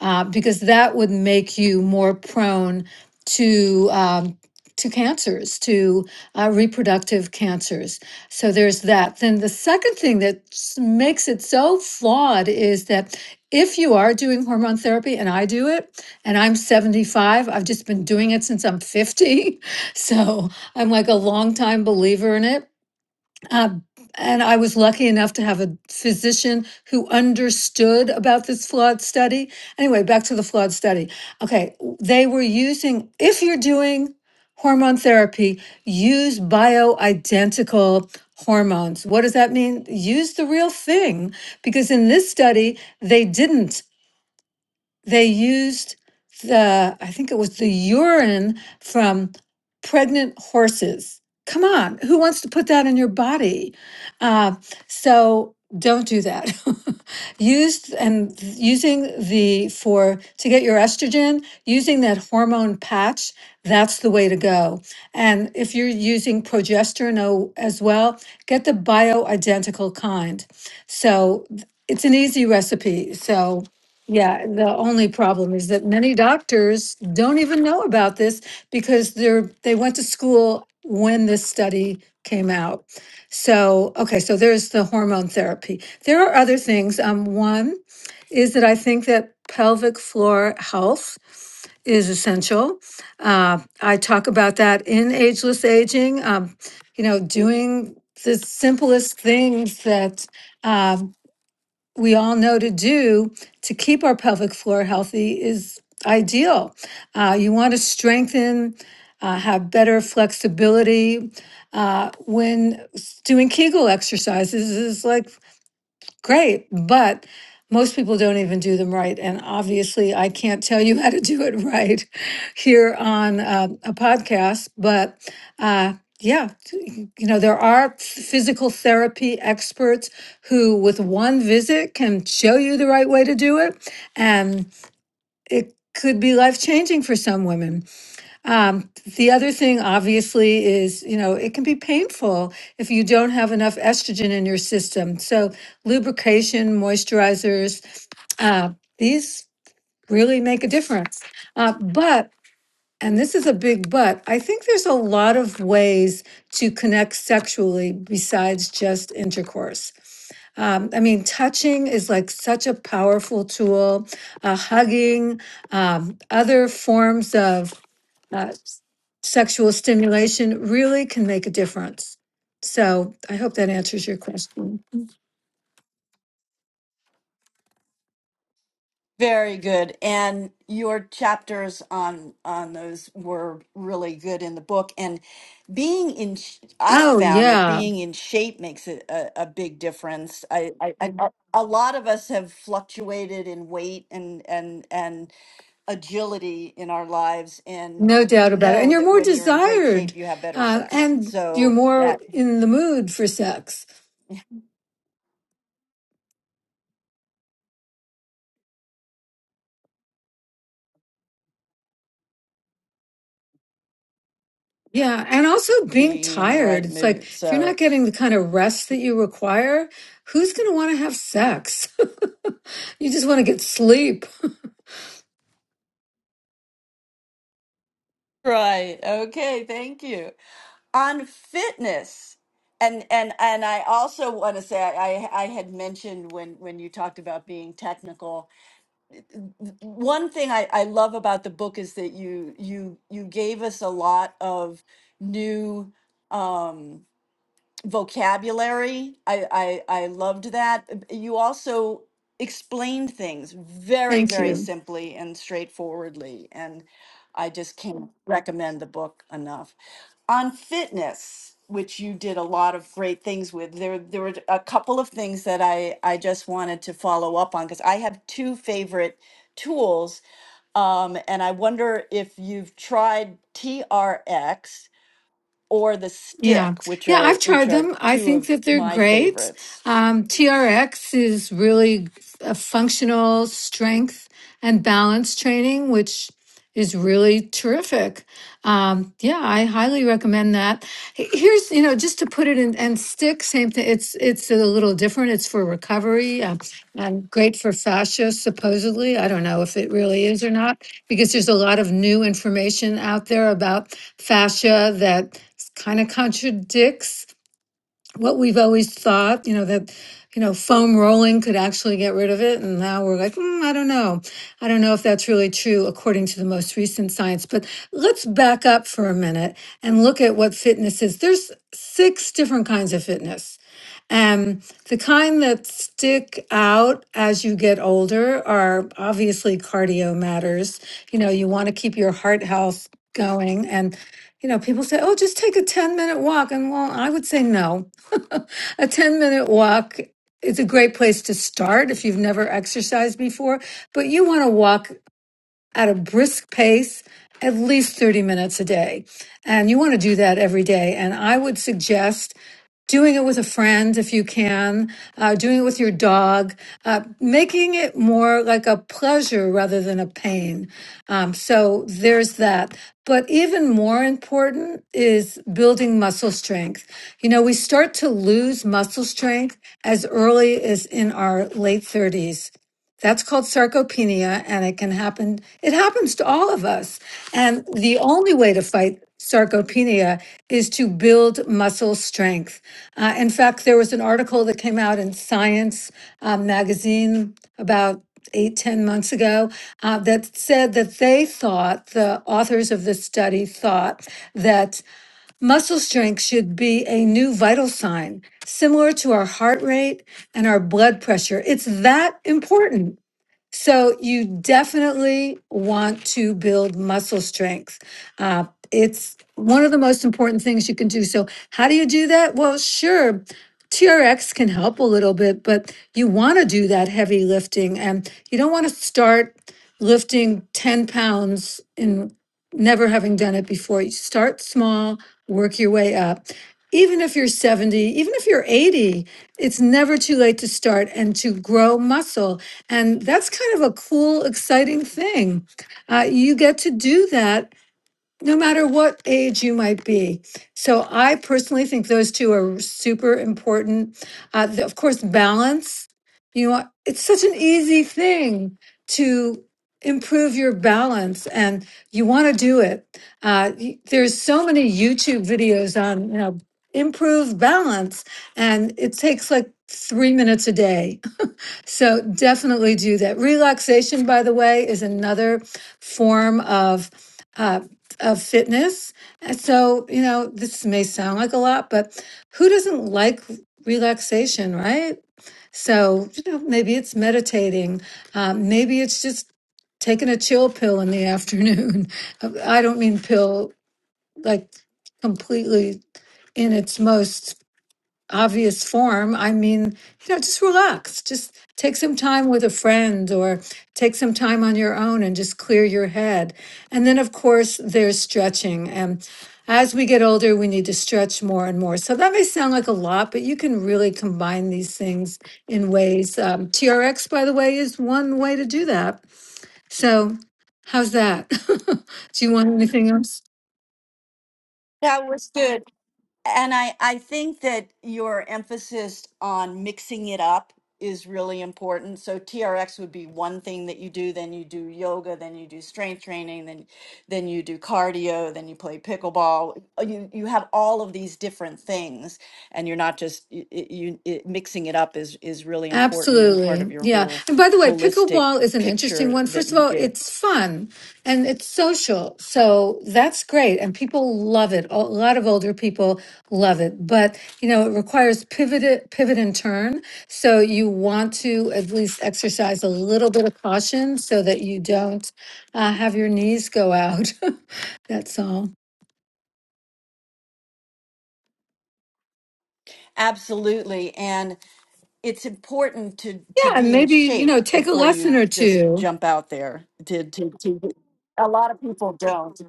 uh, because that would make you more prone to. um, to cancers, to uh, reproductive cancers. So there's that. Then the second thing that s- makes it so flawed is that if you are doing hormone therapy, and I do it, and I'm 75, I've just been doing it since I'm 50. So I'm like a longtime believer in it uh, and I was lucky enough to have a physician who understood about this flawed study. Anyway, back to the flawed study. Okay, they were using, if you're doing hormone therapy, use bioidentical hormones. What does that mean? Use the real thing, because in this study, they didn't they used the i think it was the urine from pregnant horses come on who wants to put that in your body uh, so don't do that used and th- using the for to get your estrogen using that hormone patch that's the way to go and if you're using progesterone o- as well get the bioidentical kind so th- it's an easy recipe so yeah, the only problem is that many doctors don't even know about this because they're they went to school when this study came out. So, okay, so there's the hormone therapy. There are other things. Um, one is that I think that pelvic floor health is essential. Uh, I talk about that in Ageless Aging. Um, you know, doing the simplest things that um, we all know to do to keep our pelvic floor healthy is ideal. Uh, you want to strengthen, uh, have better flexibility. Uh, when s- doing Kegel exercises is like Great, but most people don't even do them right. And obviously, I can't tell you how to do it right here on uh, a podcast. But uh, yeah, t- you know, there are physical therapy experts who, with one visit, can show you the right way to do it. And it could be life changing for some women. Um, the other thing, obviously, is you know it can be painful if you don't have enough estrogen in your system. So lubrication, moisturizers, uh, these really make a difference. Uh, but and this is a big but. I think there's a lot of ways to connect sexually besides just intercourse. Um, I mean, touching is like such a powerful tool. Uh, hugging, um, other forms of uh, sexual stimulation really can make a difference. So I hope that answers your question. Very good. And your chapters on on those were really good in the book. And being in, sh- I've Oh, found that yeah, being in shape makes a, a, a big difference. I, I, I Mhm. a lot of us have fluctuated in weight and and and agility in our lives, and no you doubt about it. And know you're that more when you're in great desired shape, you have better uh, sex. and you're So more that in the mood for sex. Yeah. And also being being in the tired. right It's like mood. if you're not So getting the kind of rest that you require, who's going to want to have sex? you just want to get sleep. right. Okay. Thank you. on fitness and and and i also want to say I, I i had mentioned when when you talked about being technical one thing I, I love about the book is that you you you gave us a lot of new um vocabulary i i, I loved that you also explained things very Thank very you. simply and straightforwardly and i just can't recommend the book enough on fitness which you did a lot of great things with there there were a couple of things that i i just wanted to follow up on because i have two favorite tools um, and i wonder if you've tried trx or the Yeah. stick which Yeah, are I've which tried are them. I two think of that they're my great. favorites Um, TRX is really a functional strength and balance training, which is really terrific. Um, yeah, I highly recommend that. H- Here's, you know, just to put it in and stick, same thing. It's it's a little different. It's for recovery uh, and great for fascia, supposedly. I don't know if it really is or not, because there's a lot of new information out there about fascia that kind of contradicts what we've always thought, you know, that, you know, foam rolling could actually get rid of it. And now we're like, "Mm, I don't know. I don't know if that's really true according to the most recent science. But let's back up for a minute and look at what fitness is. There's six different kinds of fitness. Um, the kind that stick out as you get older are obviously cardio matters. You know, you want to keep your heart health going. And, you know, people say, oh, just take a 10 minute walk. And well, I would say no. a 10 minute walk is a great place to start if you've never exercised before, but you want to walk at a brisk pace, at least 30 minutes a day. And you want to do that every day. And I would suggest doing it with a friend if you can, uh, doing it with your dog, uh, making it more like a pleasure rather than a pain. Um, so there's that. But even more important is building muscle strength. You know, we start to lose muscle strength as early as in our late 30s. That's called sarcopenia, and it can happen. It happens to all of us. And the only way to fight sarcopenia is to build muscle strength. Uh, in fact, there was an article that came out in Science um, magazine about eight ten months ago uh, that said that they thought, the authors of the study thought, that muscle strength should be a new vital sign, similar to our heart rate and our blood pressure. It's that important. So you definitely want to build muscle strength. Uh, it's one of the most important things you can do. So how do you do that? Well, sure. TRX can help a little bit, but you want to do that heavy lifting and you don't want to start lifting 10 pounds and never having done it before. You start small, work your way up. Even if you're 70, even if you're 80, it's never too late to start and to grow muscle and that's kind of a cool, exciting thing. Uh, you get to do that no matter what age you might be. So I personally think those two are super important. Uh, the- of course, balance. You know, it's such an easy thing to improve your balance and you want to do it. Uh, y- there's so many YouTube videos on, you know, improve balance and it takes like three minutes a day so definitely do that. Relaxation, by the way, is another form of uh, of fitness. And So you know, this may sound like a lot, but who doesn't like relaxation, right? So you know, maybe it's meditating, um, maybe it's just taking a chill pill in the afternoon. I don't mean pill like completely in its most obvious form. I mean, you know, just relax. Just take some time with a friend or take some time on your own and just clear your head. And then, of course, there's stretching. And as we get older, we need to stretch more and more. So that may sound like a lot, but you can really combine these things in ways. Um, TRX, by the way, is one way to do that. So, how's that? do you want anything else? that was good And I, I think that your emphasis on mixing it up is really important. So TRX would be one thing that you do, then you do yoga, then you do strength training, then then you do cardio, then you play pickleball. Uh, You you have all of these different things and you're not just you, you it, mixing it up is is really important and part of Absolutely. your Yeah. whole And by the way, holistic pickleball is an interesting picture one. that First of you all, give. it's fun and it's social. So that's great. And people love it. A lot of older people love it. But, you know, it requires pivot, pivot and turn. So you want to at least exercise a little bit of caution so that you don't uh, have your knees go out. that's all. Absolutely. and. it's important to to Yeah. And be in maybe, you shape know, take a before lesson you or just two. jump out there to to, to a lot of people don't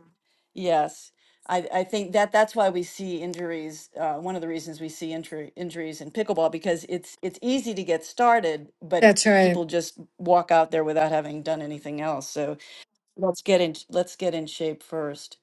yes I, I think that that's why we see injuries uh, one of the reasons we see injury, injuries in pickleball because it's it's easy to get started but That's right. people just walk out there without having done anything else So let's get in let's get in shape first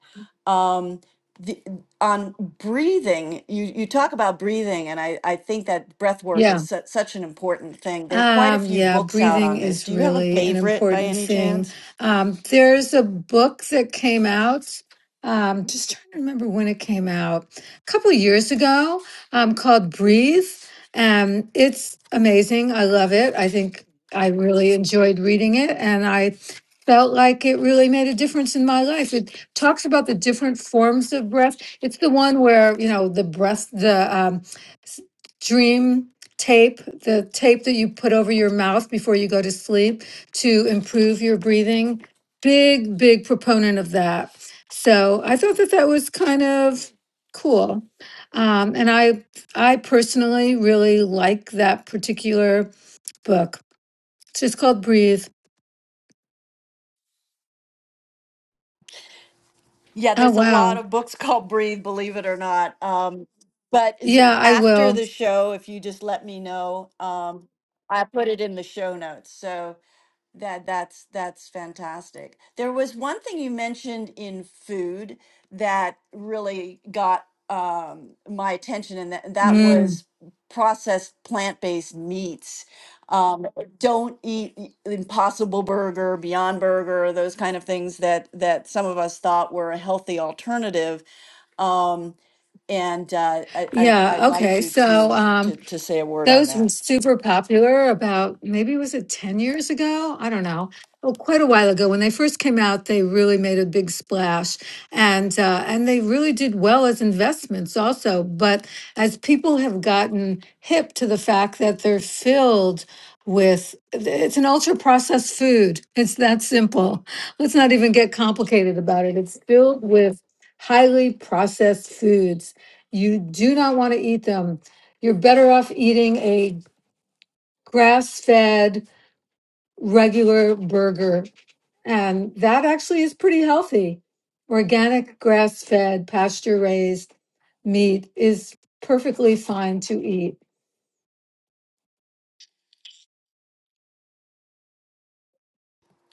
um the on breathing you you talk about breathing and i i think that breath work Yeah. is su- such an important thing there are quite a Um, few yeah, books out breathing on this is do you have a really an favorite by important any thing. chance Um, there's a book that came out. Um, just trying to remember when it came out, a couple years ago, um, called Breathe. and it's amazing. I love it. I think I really enjoyed reading it, and I felt like it really made a difference in my life. It talks about the different forms of breath. It's the one where, you know, the breath, the um, s- dream tape, the tape that you put over your mouth before you go to sleep to improve your breathing. Big, big proponent of that. So I thought that that was kind of cool. Um, and I, I personally really like that particular book. It's just called Breathe. yeah Oh, there's a lot wow. of books called breathe believe it or not um but is Yeah, it- I after will. the show if you just let me know um i put it in the show notes so That that's that's fantastic. There was one thing you mentioned in food that really got um, my attention, and that, that Mm. was processed plant-based meats. Um, don't eat e- Impossible Burger, Beyond Burger, those kind of things that that some of us thought were a healthy alternative. Um, and uh, I, I'd, I'd Yeah. like Okay. you So, to um, to to say a word on Those that. were super popular about maybe was it 10 years ago? I don't know. Well, quite a while ago when they first came out, they really made a big splash and uh, and they really did well as investments also. But as people have gotten hip to the fact that they're filled with it's an ultra processed food. It's that simple. Let's not even get complicated about it. It's filled with highly processed foods. You do not want to eat them you're better off eating a grass fed, regular burger. And that actually is pretty healthy. Organic, grass fed, pasture raised meat is perfectly fine to eat.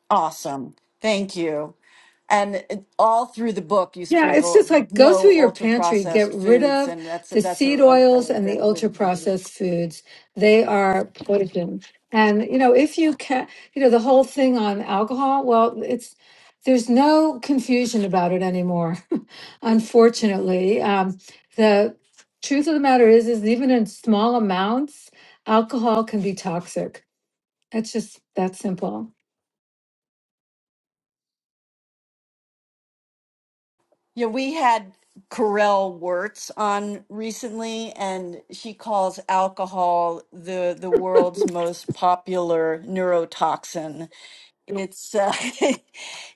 Awesome. Thank you. And it- all through the book, you Yeah, it's sprinkle just like go through no your ultra pantry, get processed rid foods, of and that's the that's a, seed a oils really and the good ultra reminder. processed foods. They are poison. And you know, if you can, you know, the whole thing on alcohol, well, it's there's no confusion about it anymore. Unfortunately, um, the truth of the matter is, is even in small amounts, alcohol can be toxic. It's just that simple. Yeah, we had Corel Wirtz on recently, and she calls alcohol the the world's most popular neurotoxin. It's uh,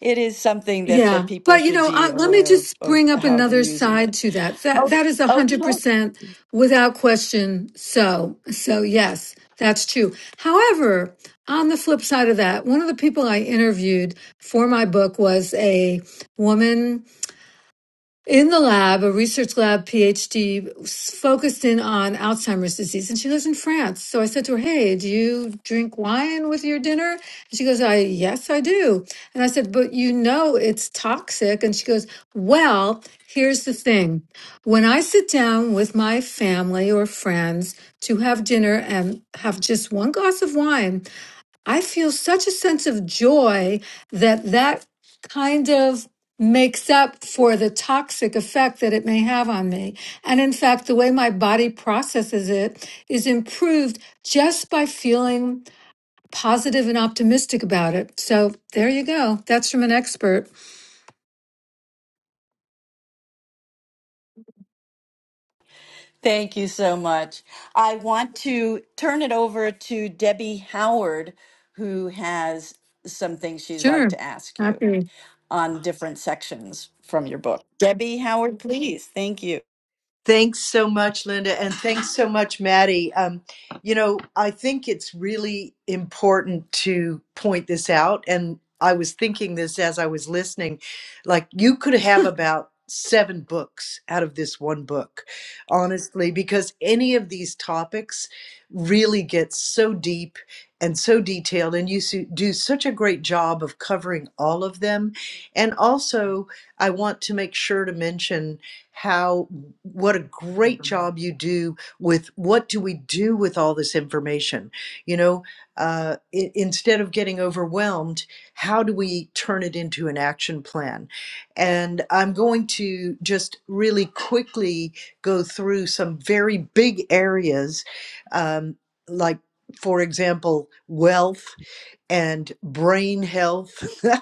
it is something that that Yeah, people but you should know, be uh, let me aware of just of bring up how they're another using side it. to that. That Oh, that is a hundred okay. percent without question. So, so yes, that's true. However, on the flip side of that, one of the people I interviewed for my book was a woman in the lab, a research lab PhD focused in on Alzheimer's disease, and she lives in France. So I said to her, "Hey, do you drink wine with your dinner?" And she goes, "I yes, I do." And I said, "But you know it's toxic." And she goes, "Well, here's the thing. When I sit down with my family or friends to have dinner and have just one glass of wine, I feel such a sense of joy that that kind of makes up for the toxic effect that it may have on me. And in fact, the way my body processes it is improved just by feeling positive and optimistic about it. So there you go. That's from an expert. Thank you so much. I want to turn it over to Debbie Howard, who has some things she'd like Sure. to ask you Happy. on different sections from your book. Debbie Howard, please. Thank you. Thanks so much, Linda, and thanks so much, Maddie. Um, you know, I think it's really important to point this out, and I was thinking this as I was listening. Like, you could have about seven books out of this one book, honestly, because any of these topics really get so deep and so detailed, and you su- do such a great job of covering all of them. And also, I want to make sure to mention how what a great job you do with what do we do with all this information you know uh, i- instead of getting overwhelmed how do we turn it into an action plan and i'm going to just really quickly go through some very big areas um, like for example wealth and brain health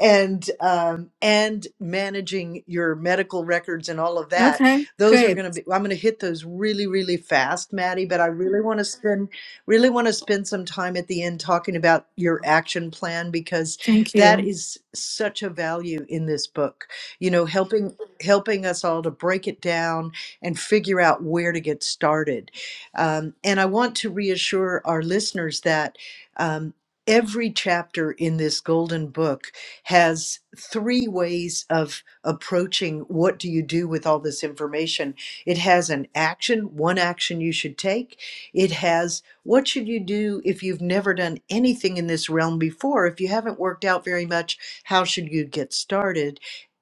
and um, and managing your medical records and all of that. Okay. Those are Great. going to be. I'm going to hit those really really fast, Maddie. But I really want to spend really want to spend some time at the end talking about your action plan because Thank that you. is such a value in this book. You know, helping helping us all to break it down and figure out where to get started. Um, and I want to reassure our listeners that. Um, Every chapter in this golden book has three ways of approaching what do you do with all this information. It has an action, one action you should take. It has what should you do if you've never done anything in this realm before? If you haven't worked out very much, how should you get started?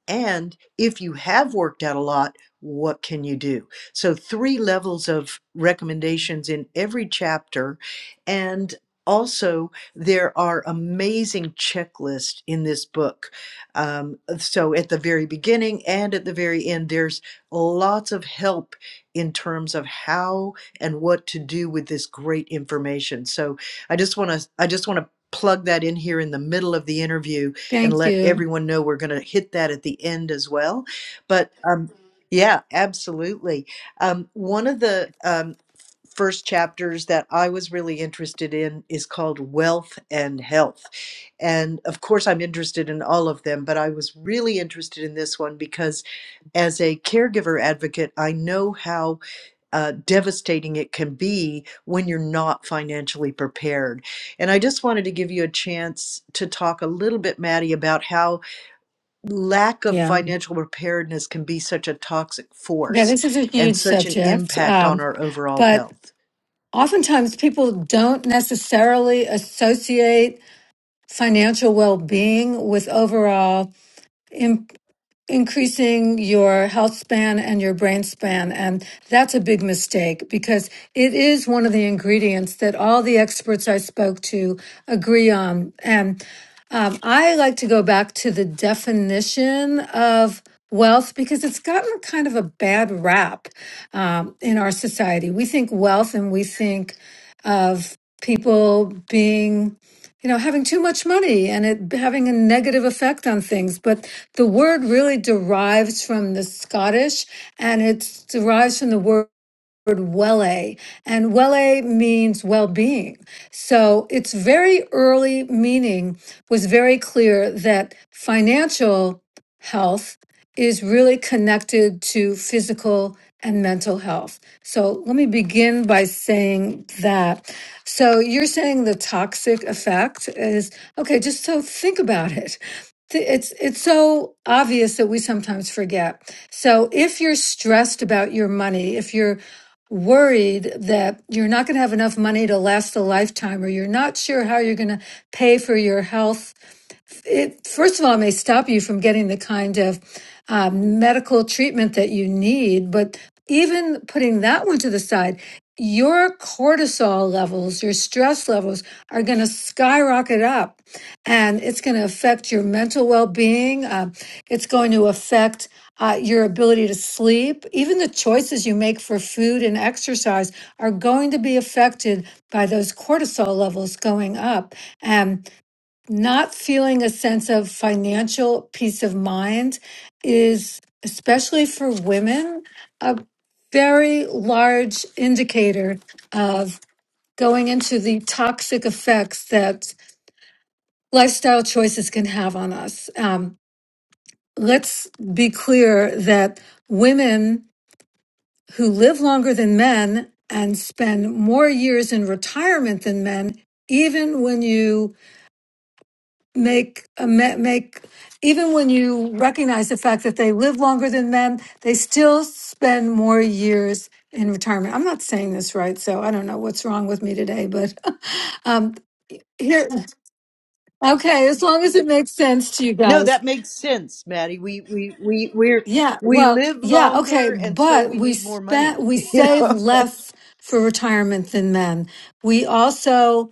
And if you have worked out a lot, what can you do? So, three levels of recommendations in every chapter. And also, there are amazing checklists in this book. Um, so at the very beginning and at the very end, there's lots of help in terms of how and what to do with this great information. So I just want to I just want to plug that in here in the middle of the interview and Thank let you. everyone know we're going to hit that at the end as well. But um, yeah, absolutely. Um, one of the um, first chapters that I was really interested in is called Wealth and Health. And of course, I'm interested in all of them, but I was really interested in this one because as a caregiver advocate, I know how uh, devastating it can be when you're not financially prepared. And I just wanted to give you a chance to talk a little bit, Maddie, about how lack of Yeah. financial preparedness can be such a toxic Okay. force This is a and huge such an subject. impact Um, on our overall but health. Oftentimes, people don't necessarily associate financial well being with overall. im- increasing your health span and your brain span. And that's a big mistake because it is one of the ingredients that all the experts I spoke to agree on. And um, I like to go back to the definition of wealth because it's gotten kind of a bad rap um, in our society. We think wealth and we think of people being you know, having too much money and it having a negative effect on things. But the word really derives from the Scottish and it derives from the word word wele, and wele means well-being. So its very early meaning was very clear that financial health is really connected to physical and mental health. So let me begin by saying that. So you're saying the toxic effect is okay, just so think about it. Th- It's it's so obvious that we sometimes forget. So if you're stressed about your money, if you're worried that you're not going to have enough money to last a lifetime or you're not sure how you're going to pay for your health it first of all may stop you from getting the kind of uh, medical treatment that you need but even putting that one to the side your cortisol levels your stress levels are going to skyrocket up and it's going to affect your mental well-being uh, it's going to affect uh, your ability to sleep even the choices you make for food and exercise are going to be affected by those cortisol levels going up and not feeling a sense of financial peace of mind is, especially for women, a very large indicator of going into the toxic effects that lifestyle choices can have on us. Um, let's be clear that women who live longer than men and spend more years in retirement than men, even when you make make even when you recognize the fact that they live longer than men they still spend more years in retirement i'm not saying this right so i don't know what's wrong with me today but um here okay as long as it makes sense to you No, guys that makes sense, Maddie. We we we we're yeah we well live yeah okay longer and so but we we need more money. spent we You save know? less for retirement than men we also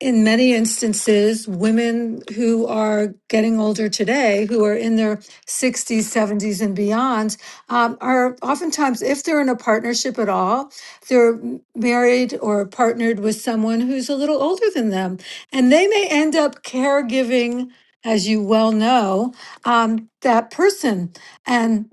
in many instances, women who are getting older today, who are in their 60s, 70s, and beyond, um, are oftentimes, if they're in a partnership at all, they're m- married or partnered with someone who's a little older than them. And they may end up caregiving, as you well know, um, that person. and.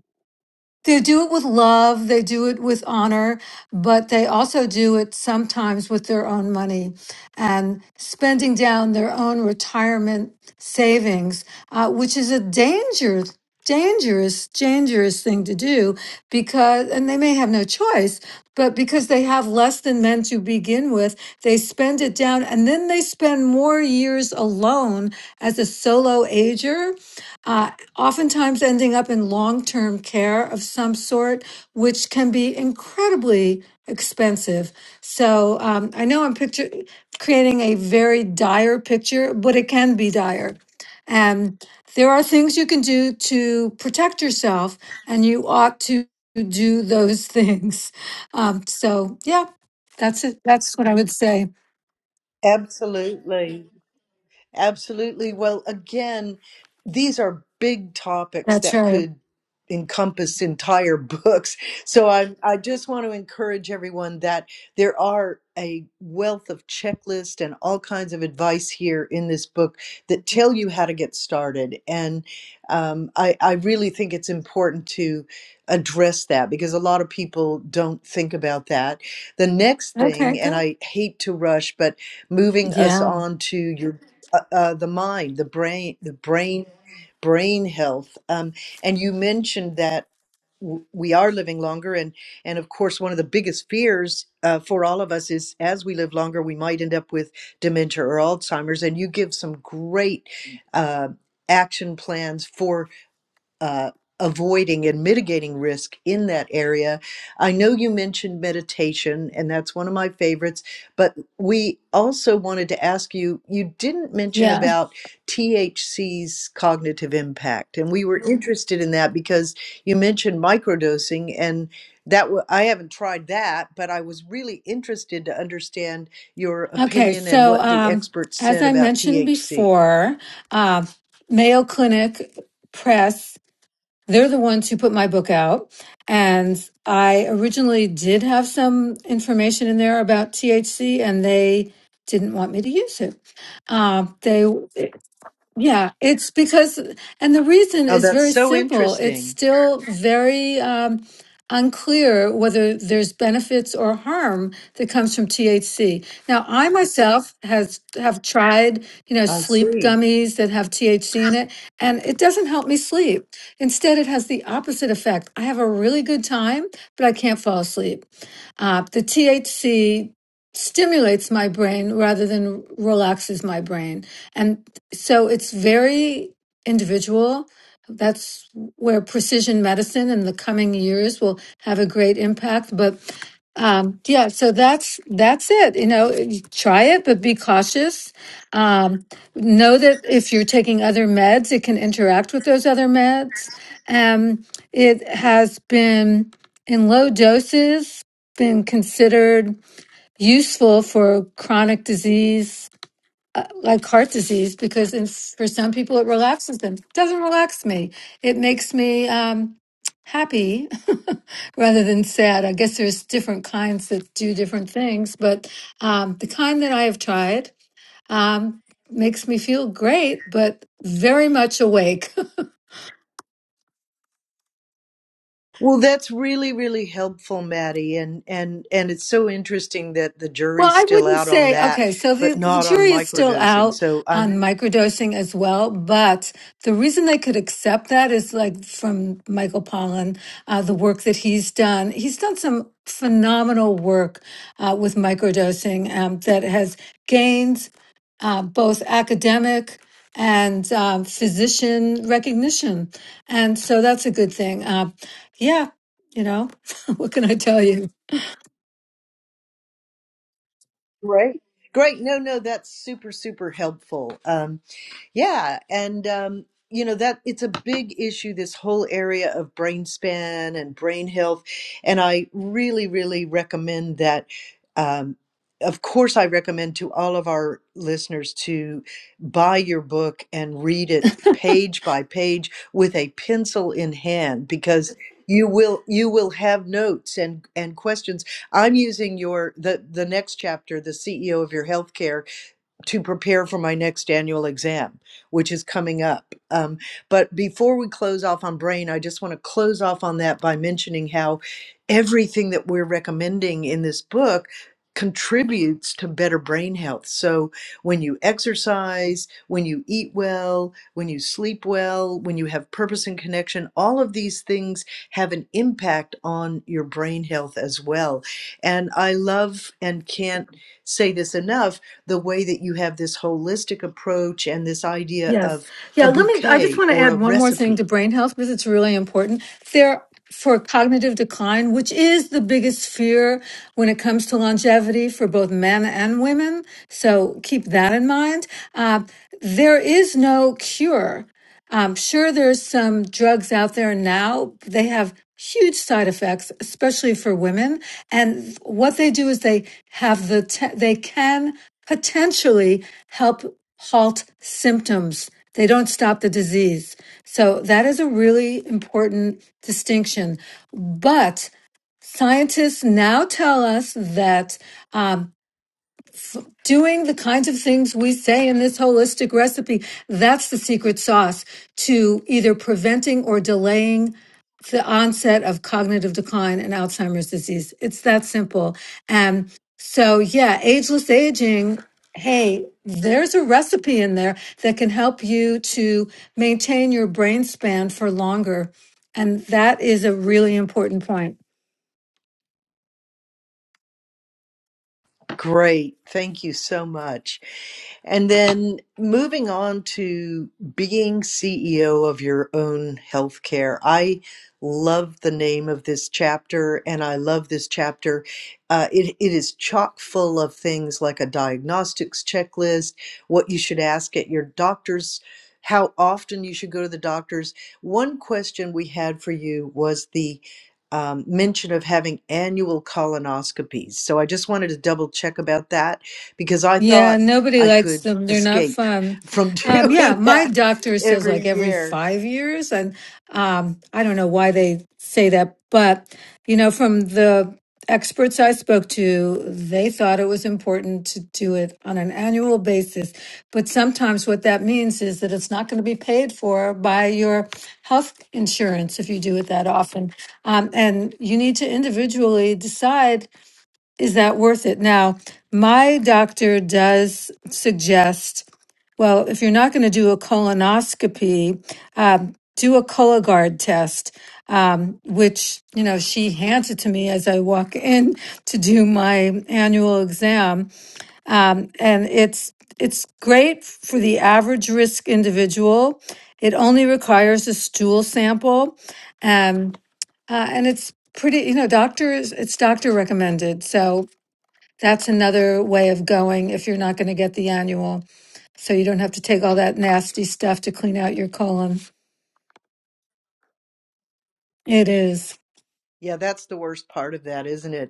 They do it with love, they do it with honor, but they also do it sometimes with their own money and spending down their own retirement savings, uh, which is a danger, dangerous, dangerous thing to do because, and they may have no choice, but because they have less than men to begin with, they spend it down and then they spend more years alone as a solo ager. Uh, oftentimes ending up in long term care of some sort, which can be incredibly expensive. So um, I know I'm picture creating a very dire picture, but it can be dire. And there are things you can do to protect yourself, and you ought to do those things. Um, so yeah, that's it. That's what I would say. Absolutely. Absolutely. Well, again, these are big topics That's that right. could encompass entire books. So I, I just want to encourage everyone that there are a wealth of checklists and all kinds of advice here in this book that tell you how to get started. And um, I, I really think it's important to address that because a lot of people don't think about that. The next Okay, thing, and go. I hate to rush, but moving us Yeah. on to your uh, uh, the mind, the brain, the brain, brain health. Um, and you mentioned that w- we are living longer, and and of course, one of the biggest fears uh, for all of us is as we live longer, we might end up with dementia or Alzheimer's. And you give some great. Uh, action plans for uh, avoiding and mitigating risk in that area. I know you mentioned meditation, and that's one of my favorites, but we also wanted to ask you you didn't mention Yeah. about THC's cognitive impact, and we were Mhm. interested in that because you mentioned microdosing and that w- I haven't tried that, but I was really interested to understand your Okay, opinion and so what the um, experts as said I about mentioned THC. before, uh, Mayo Clinic Press, they're the ones who put my book out. And I originally did have some information in there about THC, and they didn't want me to use it. Um, they yeah, it's because, and the reason Oh, is that's very so simple. It's interesting. still very um, unclear whether there's benefits or harm that comes from THC. Now, I myself has have tried, you know, I sleep see. gummies that have THC in it, and it doesn't help me sleep. Instead, it has the opposite effect. I have a really good time, but I can't fall asleep. Uh, the THC stimulates my brain rather than relaxes my brain. And so it's very individual. That's where precision medicine in the coming years will have a great impact. But um, yeah, so that's that's it. You know, you try it, but be cautious. Um, know that if you're taking other meds, it can interact with those other meds. Um, it has been in low doses been considered useful for chronic disease uh, like heart disease because in, for some people it relaxes them doesn't relax me it makes me um, happy rather than sad i guess there's different kinds that do different things but um, the kind that i have tried um, makes me feel great but very much awake Well, that's really, really helpful, Maddie, and and and it's so interesting that the Well, jury's I still wouldn't out on say, that, okay, so the, but the not on jury is still microdosing. out So on I'm microdosing as well, but the reason they could accept that is like from Michael Pollan, uh, the work that he's done. He's done some phenomenal work uh, with microdosing um, that has gained uh, both academic and um, physician recognition. And so that's a good thing. Uh, yeah, you know, what can I tell you? great, great. No, no, that's super, super helpful. Um, Yeah, and um, you know that it's a big issue, this whole area of brain span and brain health, and I really, really recommend that. Um, of course, I recommend to all of our listeners to buy your book and read it page by page with a pencil in hand because you will you will have notes and and questions. I'm using your the the next chapter, the CEO of your healthcare to prepare for my next annual exam, which is coming up. Um, but before we close off on brain, I just want to close off on that by mentioning how everything that we're recommending in this book contributes to better brain health. So when you exercise, when you eat well, when you sleep well, when you have purpose and connection, all of these things have an impact on your brain health as well. And I love and can't say this enough the way that you have this holistic approach and this idea Yes. of Yeah. a Let me, I just bouquet want to or a add one more thing recipe to brain health because it's really important. There, for cognitive decline, which is the biggest fear when it comes to longevity for both men and women. So keep that in mind. Uh, there is no cure I'm sure there's some drugs out there now. They have huge side effects, especially for women. And what they do is they have the, te- they can potentially help halt symptoms. They don't stop the disease. So that is a really important distinction. But scientists now tell us that um, doing the kinds of things we say in this holistic recipe. That's the secret sauce to either preventing or delaying the onset of cognitive decline and Alzheimer's disease. It's that simple. Um, so, yeah, ageless aging. Hey, there's a recipe in there that can help you to maintain your brain span for longer. And that is a really important point. Great. Thank you so much. And then moving on to being CEO of your own healthcare. I love the name of this chapter and I love this chapter. Uh, it, it is chock full of things like a diagnostics checklist, what you should ask at your doctor's, how often you should go to the doctor's. One question we had for you was the um, mention of having annual colonoscopies. So I just wanted to double check about that because I Yeah, thought nobody I likes could them. They're not escape fun. from Um, yeah, doing my that doctor says every like every year. five years, and um, I don't know why they say that, but you know, from the experts I spoke to, they thought it was important to do it on an annual basis. But sometimes what that means is that it's not going to be paid for by your health insurance if you do it that often. Um, and you need to individually decide is that worth it? Now, my doctor does suggest, well, if you're not going to do a colonoscopy, um, do a Cologuard test, um, which, you know, she hands it to me as I walk in to do my annual exam. Um, and it's, it's great for the average risk individual. It only requires a stool sample. Um, uh, and it's pretty, you know, doctors, it's doctor recommended. So, that's another way of going if you're not going to get the annual. So you don't have to take all that nasty stuff to clean out your colon. It is. Yeah, that's the worst part of that, isn't it?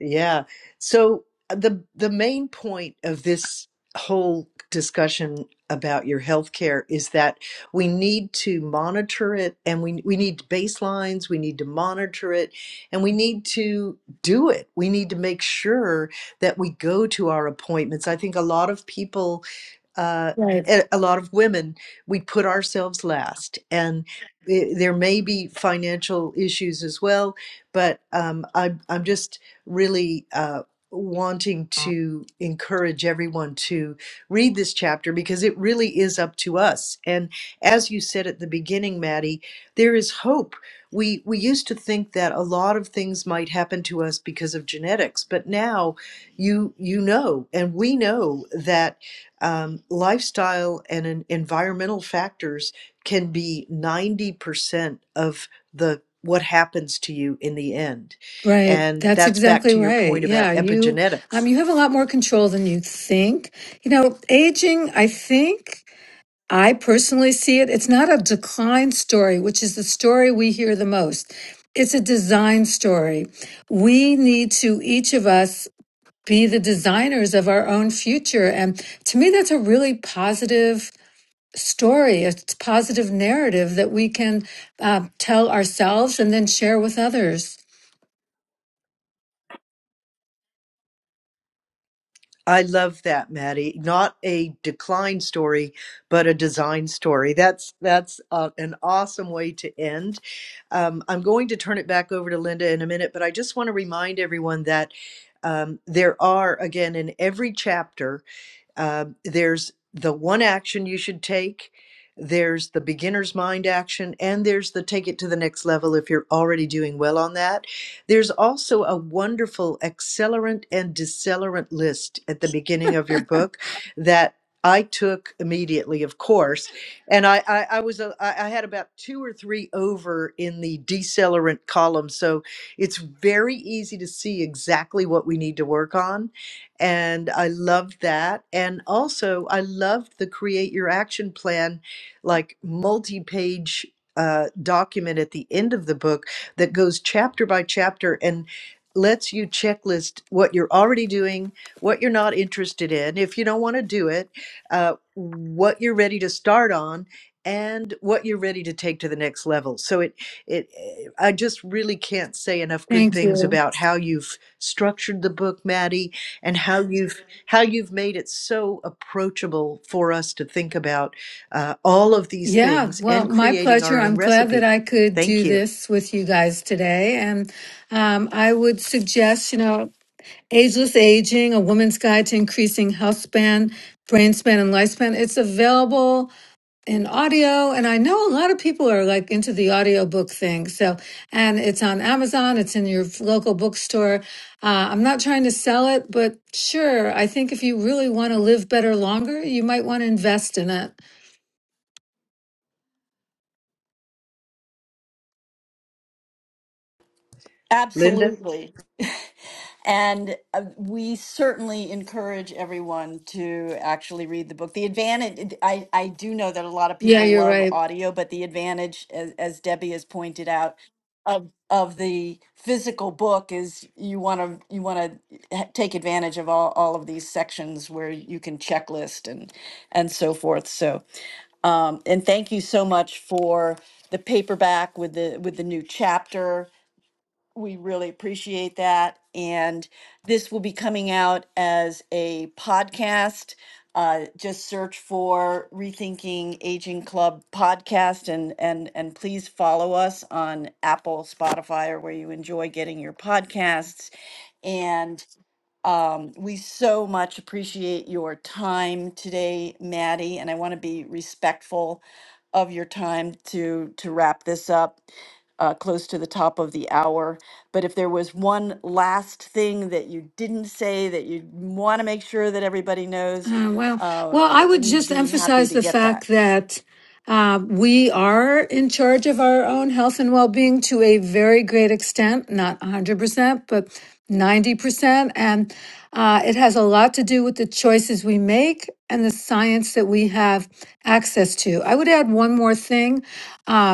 Yeah. So uh, the the main point of this whole discussion about your healthcare is that we need to monitor it and we we need baselines, we need to monitor it and we need to do it. We need to make sure that we go to our appointments. I think a lot of people uh, Right. a a lot of women, we put ourselves last. And i- there may be financial issues as well, but um, I'm, I'm just really uh, wanting to encourage everyone to read this chapter because it really is up to us. And as you said at the beginning, Maddie, there is hope. We, we used to think that a lot of things might happen to us because of genetics, but now you you know and we know that um, lifestyle and en- environmental factors can be 90% of the what happens to you in the end Right. and That's that's back exactly to your right. point about Yeah. You, um, epigenetics you have a lot more control than you think. You know, aging, I think I personally see it. It's not a decline story, which is the story we hear the most. It's a design story. We need to, each of us, be the designers of our own future. And to me, that's a really positive story. a positive narrative that we can uh, tell ourselves and then share with others. i love that maddie not a decline story but a design story that's that's uh, an awesome way to end um, i'm going to turn it back over to linda in a minute but i just want to remind everyone that um, there are again in every chapter Uh, there's the one action you should take, there's the beginner's mind action, and there's the take it to the next level if you're already doing well on that. There's also a wonderful accelerant and decelerant list at the beginning of your book that I took immediately, of course, and I I, I was a, I I had about two or three over in the decelerant column, so it's very easy to see exactly what we need to work on and I loved that. And also, I loved the create your action plan, like multi page uh, document at the end of the book that goes chapter by chapter and lets you checklist what you're already doing, what you're not interested in, if you don't want to do it, uh, what you're ready to start on. And what you're ready to take to the next level. So it, it, eh, I just really can't say enough good Thank things you. about how you've structured the book, Maddie, and how you've how you've made it so approachable for us to think about uh, all of these Yeah, things well, and my creating pleasure. our own I'm glad that recipe. I could do Thank you, this with you guys today. And um, I would suggest, you know, Ageless Aging, A Woman's Guide to Increasing Health Span, Brain Span, and Lifespan. It's available in audio and i know a lot of people are like into the audiobook thing so and it's on amazon it's in your local bookstore uh, i'm not trying to sell it but sure i think if you really want to live better longer you might want to invest in it Linda. Absolutely. And uh, we certainly encourage everyone to actually read the book. The advantage, I, I do know that a lot of yeah people you're love right audio, but the advantage, as, as Debbie has pointed out, of of the physical book is you want to you want to take advantage of all, all of these sections where you can checklist and and so forth. So um, and thank you so much for the paperback with the with the new chapter we really appreciate that. And this will be coming out as a podcast. Uh, just search for Rethinking Aging Club podcast and, and, and please follow us on Apple, Spotify, or where you enjoy getting your podcasts. And um, we so much appreciate your time today, Maddie, and I want to be respectful of your time to to wrap this up uh, close to the top of the hour. But if there was one last thing that you didn't say that you want to make sure that everybody knows, Uh, well, uh, well, I would we'd just be happy emphasize to the get that. fact that uh, we are in charge of our own health and well-being to a very great extent, not 100%, but 90%. And uh, it has a lot to do with the choices we make and the science that we have access to. I would add one more thing. Uh,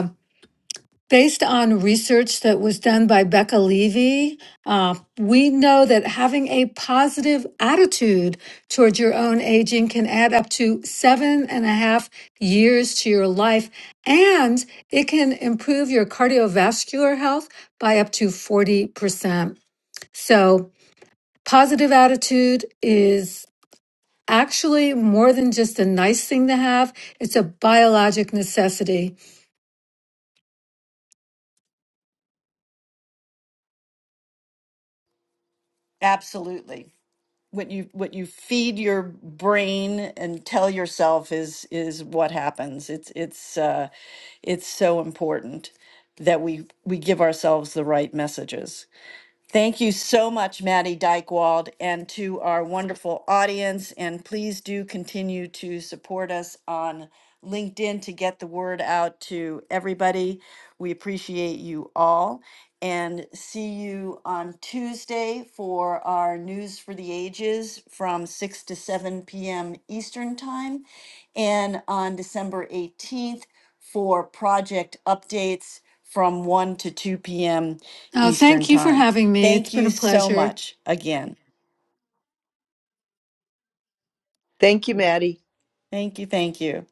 Based on research that was done by Becca Levy, uh, we know that having a positive attitude towards your own aging can add up to seven and a half years to your life, and it can improve your cardiovascular health by up to 40%. So, positive attitude is actually more than just a nice thing to have, it's a biologic necessity. Absolutely. what you what you feed your brain and tell yourself is is what happens it's it's uh it's so important that we we give ourselves the right messages Thank you so much, Maddie Dykewald, and to our wonderful audience. And please do continue to support us on LinkedIn to get the word out to everybody. We appreciate you all. And see you on Tuesday for our News for the Ages from 6 to 7 p.m. Eastern Time. And on December 18th, for project updates from 1 to 2 p.m. Uh, Eastern thank you for Time. having me. It's Thank been you a so pleasure. much again. Thank you, Maddie. Thank you. Thank you.